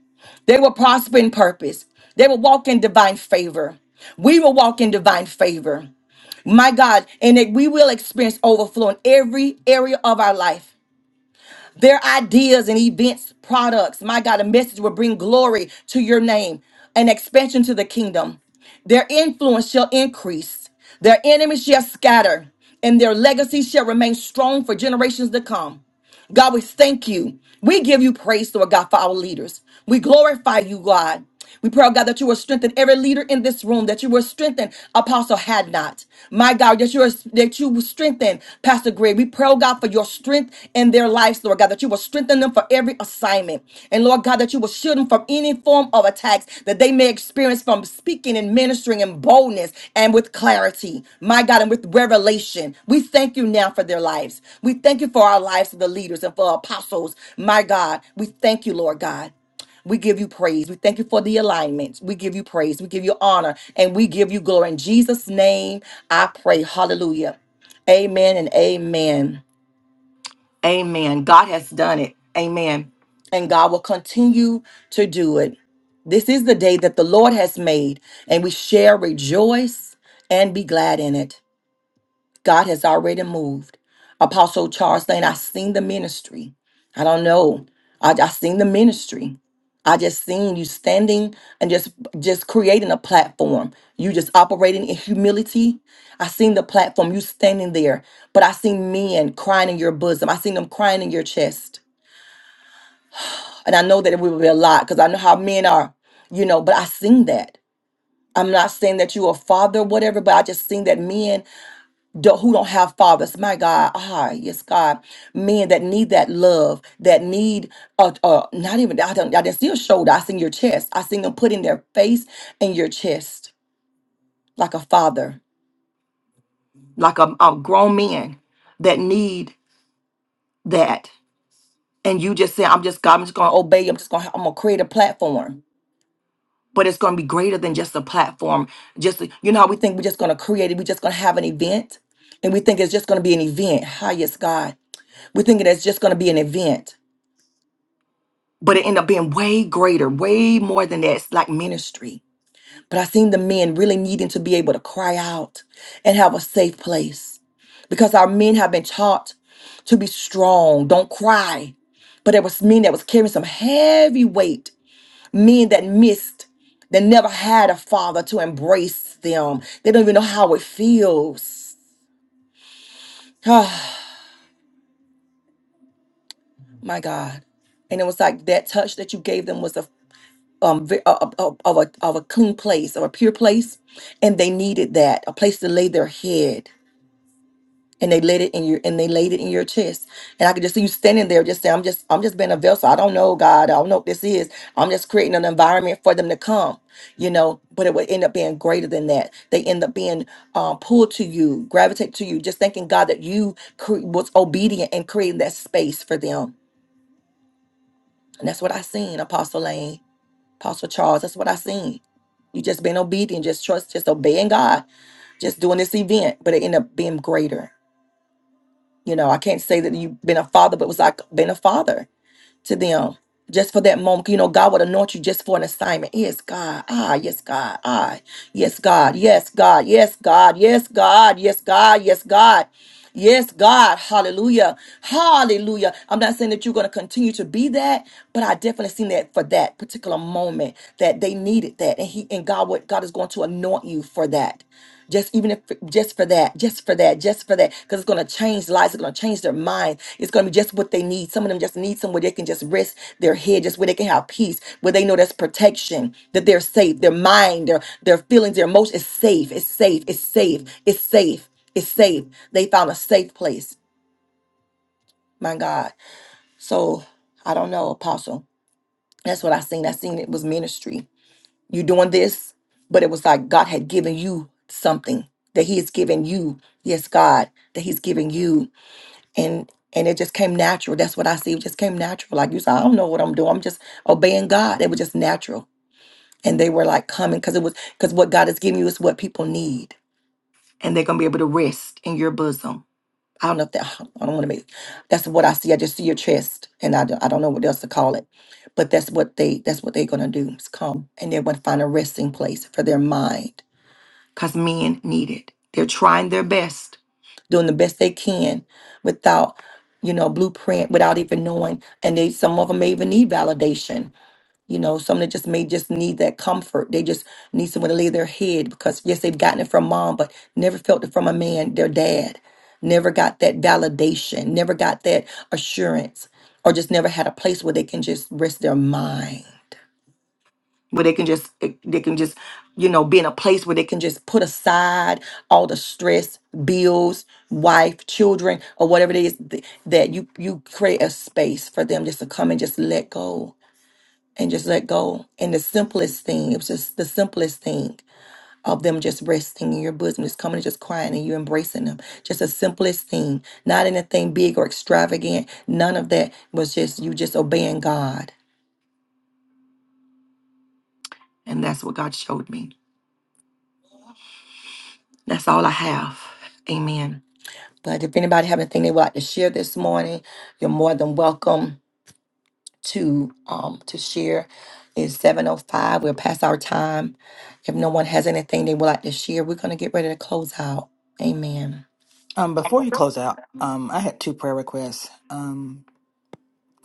They will prosper in purpose. They will walk in divine favor. We will walk in divine favor my God, and that we will experience overflow in every area of our life. Their ideas and events, products, my God, a message will bring glory to your name and expansion to the kingdom. Their influence shall increase, their enemies shall scatter, and their legacy shall remain strong for generations to come. God, we thank you. We give you praise, Lord God, for our leaders. We glorify you, God. We pray, oh God, that you will strengthen every leader in this room, that you will strengthen Apostle Had Not. My God, that you, are, that you will strengthen Pastor Greg. We pray, oh God, for your strength in their lives, Lord God, that you will strengthen them for every assignment. And Lord God, that you will shield them from any form of attacks that they may experience from speaking and ministering in boldness and with clarity. My God, and with revelation. We thank you now for their lives. We thank you for our lives of the leaders and for apostles. My God, we thank you, Lord God. We give you praise. We thank you for the alignment. We give you praise. We give you honor and we give you glory. In Jesus' name, I pray. Hallelujah. Amen and amen. Amen. God has done it. Amen. And God will continue to do it. This is the day that the Lord has made, and we shall rejoice and be glad in it. God has already moved. Apostle Charles Lane, I seen the ministry. I don't know. I, I seen the ministry. I just seen you standing and just just creating a platform. You just operating in humility. I seen the platform, you standing there, but I seen men crying in your bosom. I seen them crying in your chest. And I know that it will be a lot because I know how men are, you know, but I seen that. I'm not saying that you a father, whatever, but I just seen that men don't- who don't have fathers. My God, ah, yes, God, men that need that love, that need uh, uh not even I don't I didn't see a shoulder. I seen your chest. I seen them putting their face in your chest like a father, like a, a grown man that need that. And you just say, I'm just God, I'm just gonna obey. you, I'm just gonna I'm gonna create a platform. But it's gonna be greater than just a platform. Just you know how we think we're just gonna create it, we're just gonna have an event, and we think it's just gonna be an event. Hi, yes, God We're thinking that's just going to be an event, but it ended up being way greater, way more than that. It's like ministry. But I seen the men really needing to be able to cry out and have a safe place because our men have been taught to be strong, don't cry. But there was men that was carrying some heavy weight, men that missed, that never had a father to embrace them. They don't even know how it feels. my God. And it was like that touch that you gave them was a um ve- of, of, of a, of a clean place of a pure place and they needed that a place to lay their head and they laid it in your and they laid it in your chest and i could just see you standing there just saying i'm just i'm just being a vessel i don't know god i don't know what this is i'm just creating an environment for them to come you know but it would end up being greater than that they end up being uh, pulled to you gravitate to you just thanking god that you cre- was obedient and creating that space for them and that's what i seen apostle lane Apostle Charles, that's what I seen. You just being obedient, just trust, just obeying God, just doing this event, but it ended up being greater. You know, I can't say that you've been a father, but it was like being a father to them just for that moment. You know, God would anoint you just for an assignment. Yes, God. Ah, yes, God. Ah, yes, God. Yes, God. Yes, God. Yes, God. Yes, God. Yes, God. Yes, God. Hallelujah. Hallelujah. I'm not saying that you're going to continue to be that, but I definitely seen that for that particular moment that they needed that. And he and God what God is going to anoint you for that just even if just for that just for that just for that because it's going to change lives it's going to change their mind it's going to be just what they need some of them just need somewhere they can just rest their head just where they can have peace where they know that's protection that they're safe their mind their their feelings their emotions is safe it's safe it's safe it's safe it's safe they found a safe place my god so i don't know apostle that's what i seen i seen it was ministry you are doing this but it was like god had given you something that he has given you yes god that he's giving you and and it just came natural that's what i see it just came natural like you said i don't know what i'm doing i'm just obeying god it was just natural and they were like coming because it was because what god is giving you is what people need and they're gonna be able to rest in your bosom I don't know if that, I don't want to make, that's what I see. I just see your chest and I, don't- I don't know what else to call it. But that's what they, that's what they're going to do is come and they're going to find a resting place for their mind because men need it. They're trying their best, doing the best they can without, you know, blueprint, without even knowing. And they, some of them may even need validation you know, some that just may just need that comfort. They just need someone to lay their head because yes, they've gotten it from mom, but never felt it from a man, their dad. Never got that validation, never got that assurance, or just never had a place where they can just rest their mind. Where they can just eh, they can just, you know, be in a place where they can just put aside all the stress, bills, wife, children, or whatever it is th- that you you create a space for them just to come and just let go and just let go. And the simplest thing, it was just the simplest thing of them just resting in your bosom, just coming and just crying and you embracing them. Just the simplest thing, not anything big or extravagant. None of that was just you just obeying God. And that's what God showed me. That's all I have. Amen. But if anybody have anything they would like to share this morning, you're more than welcome. to um to share is 705 we're past our time if no one has anything they would like to share we're going to get ready to close out amen
Um, before you close out, um, I had two prayer requests um,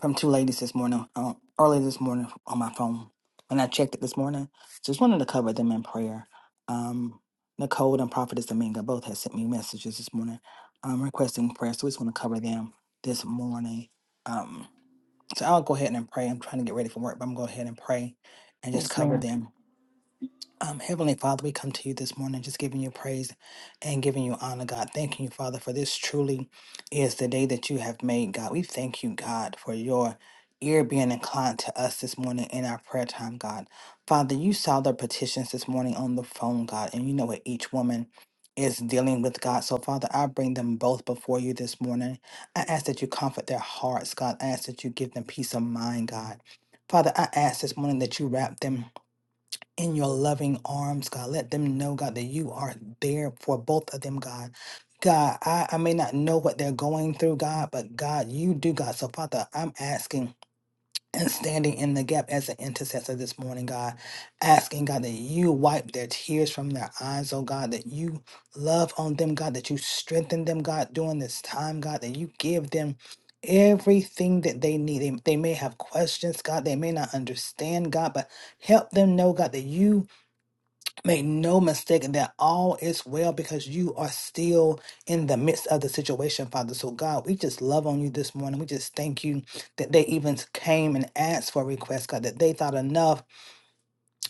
from two ladies this morning, uh, early this morning on my phone. When I checked it this morning, just wanted to cover them in prayer. Um, Nicole and Prophetess Dominga both had sent me messages this morning um, requesting prayer, so we just want to cover them this morning. Um, so I'll go ahead and pray. I'm trying to get ready for work, but I'm going to go ahead and pray and just cover them um, Heavenly Father, we come to you this morning just giving you praise and giving you honor, God. Thanking you, Father, for this truly is the day that you have made, God. We thank you, God, for your ear being inclined to us this morning in our prayer time, God. Father, you saw the petitions this morning on the phone, God, and you know what each woman is dealing with, God. So, Father, I bring them both before you this morning. I ask that you comfort their hearts, God. I ask that you give them peace of mind, God. Father, I ask this morning that you wrap them in your loving arms, God. Let them know, God, that you are there for both of them, God. God, I, I may not know what they're going through, God, but God, you do, God. So, Father, I'm asking and standing in the gap as an intercessor this morning, God, asking, God, that you wipe their tears from their eyes, oh God, that you love on them, God, that you strengthen them, God, during this time, God, that you give them everything that they need. They, they may have questions, God, they may not understand, God, but help them know, God, that you Make no mistake that all is well because you are still in the midst of the situation, Father. So, God, we just love on you this morning. We just thank you that they even came and asked for a request, God, that they thought enough,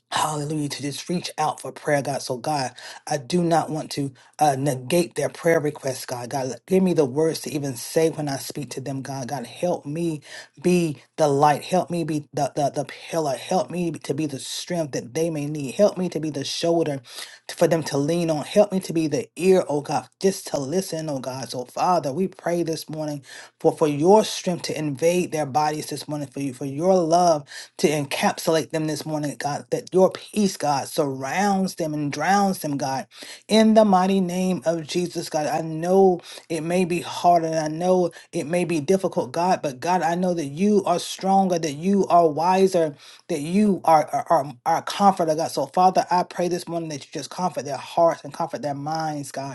hallelujah, to just reach out for prayer, God. So, God, I do not want to uh, negate their prayer requests, God. God, give me the words to even say when I speak to them, God. God, help me be the light. Help me be the, the, the pillar. Help me to be the strength that they may need. Help me to be the shoulder t- for them to lean on. Help me to be the ear, oh God, just to listen, oh God. So, Father, we pray this morning for, for your strength to invade their bodies this morning, for you, for your love to encapsulate them this morning, God, that your peace, God, surrounds them and drowns them, God in the mighty name of Jesus, God. I know it may be hard and I know it may be difficult, God, but God, I know that you are stronger, that you are wiser, that you are are, are, are a comforter, God. So, Father, I pray this morning that you just comfort their hearts and comfort their minds, God.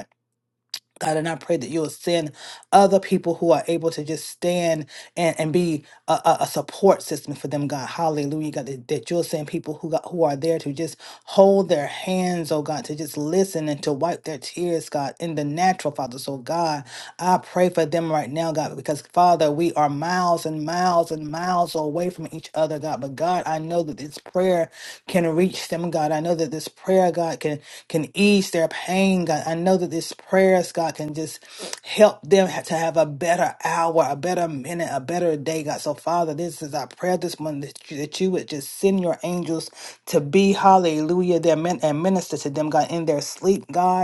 God, and I pray that you will send other people who are able to just stand and, and be a, a, a support system for them, God. Hallelujah, God. That, that you'll send people who got, who are there to just hold their hands, oh God, to just listen and to wipe their tears, God, in the natural, Father. So, God, I pray for them right now, God, because, Father, we are miles and miles and miles away from each other, God. Lord God. But God, I know that this prayer can reach them, God. I know that this prayer, God, can can ease their pain, God. I know that this prayers, God, can just help them ha- to have a better hour, a better minute, a better day, God. So, Father, this is our prayer this morning that you, that you would just send your angels to be, hallelujah, their men and minister to them, God, in their sleep, God.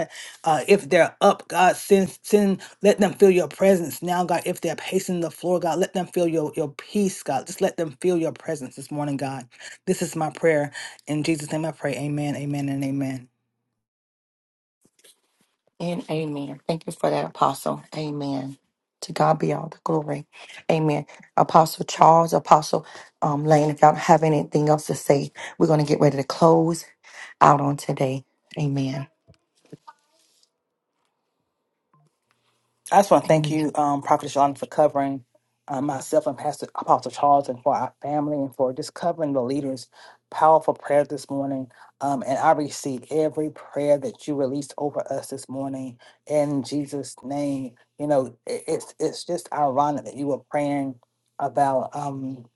Uh, if they're up, God, send, send, let them feel your presence now, God. If they're pacing the floor, God, let them feel your, your peace, God. Just let them feel your presence this morning, God. This is my prayer. In Jesus' name I pray. Amen, amen, and amen. I just want to thank you, um, Prophet Shalom, for covering uh, myself and Pastor Apostle Charles and for our family and for just covering the leaders. Powerful prayer this morning. Um, and I receive every prayer that you released over us this morning in Jesus' name. You know, it, it's it's just ironic that you were praying about. Um,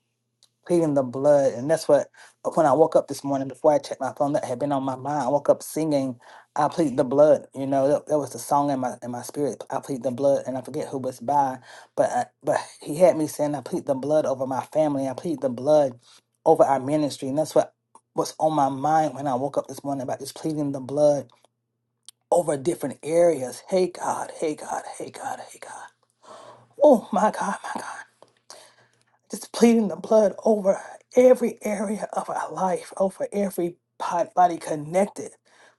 pleading the blood. And that's what, when I woke up this morning, before I checked my phone, that had been on my mind. I woke up singing, I plead the blood. You know, that, that was the song in my in my spirit, I plead the blood. And I forget who was by, but, I, but he had me saying, I plead the blood over my family. I plead the blood over our ministry. And that's what was on my mind when I woke up this morning about just pleading the blood over different areas. Hey, God, hey, God, hey, God, hey, God. Oh, my God, my God just pleading the blood over every area of our life, over every part, body connected.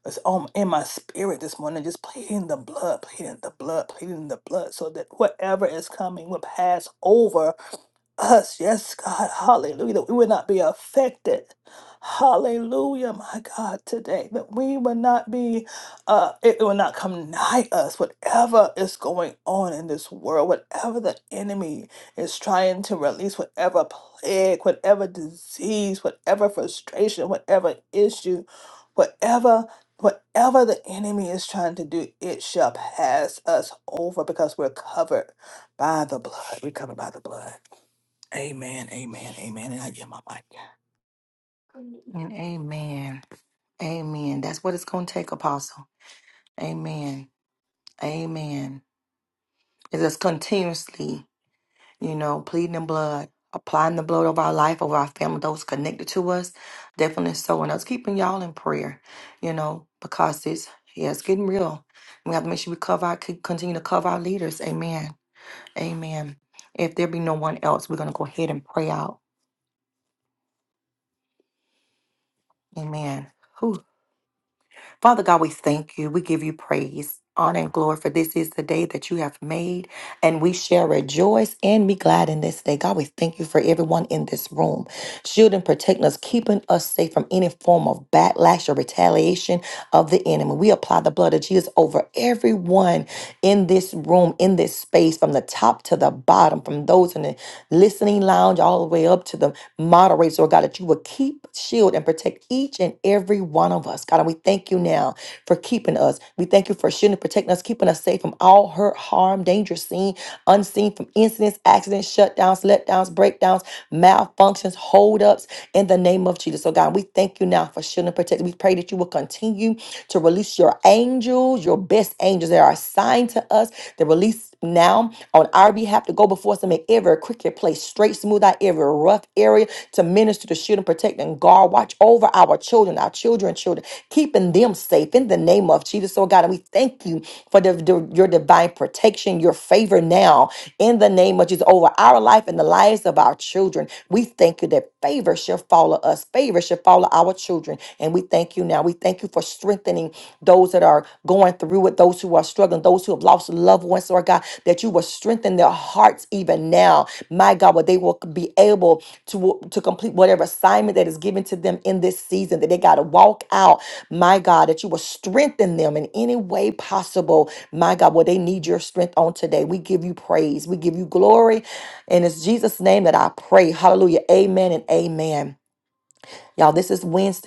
It's on in my spirit this morning, just pleading the blood, pleading the blood, pleading the blood, so that whatever is coming will pass over us, yes, God, hallelujah, that we would not be affected. Hallelujah, my God, today, that we would not be, uh, it, it will not come nigh us, whatever is going on in this world, whatever the enemy is trying to release, whatever plague, whatever disease, whatever frustration, whatever issue, whatever. Whatever the enemy is trying to do, it shall pass us over because we're covered by the blood. We're covered by the blood. Amen. Amen. Amen. And I get my mic.
all assigned to us. The release now on our behalf to go before us to make every cricket place straight, smooth out every rough area to minister, to shield and protect and guard. Watch over our children, our children, children, keeping them safe in the name of Jesus. So God, and we thank you for the, the- your divine protection, your favor now in the name of Jesus over our life and the lives of our children. We thank you that favor shall follow us, favor shall follow our children, and we thank you now. We thank you for strengthening those that are going through it, those who are struggling, those who have lost loved ones, Lord God, that you will strengthen their hearts even now, my God, where they will be able to, to complete whatever assignment that is given to them in this season, that they got to walk out, my God, that you will strengthen them in any way possible, my God, where they need your strength on today. We give you praise, we give you glory, and it's Jesus' name that I pray. Hallelujah. Amen and amen. Y'all, this is Wednesday.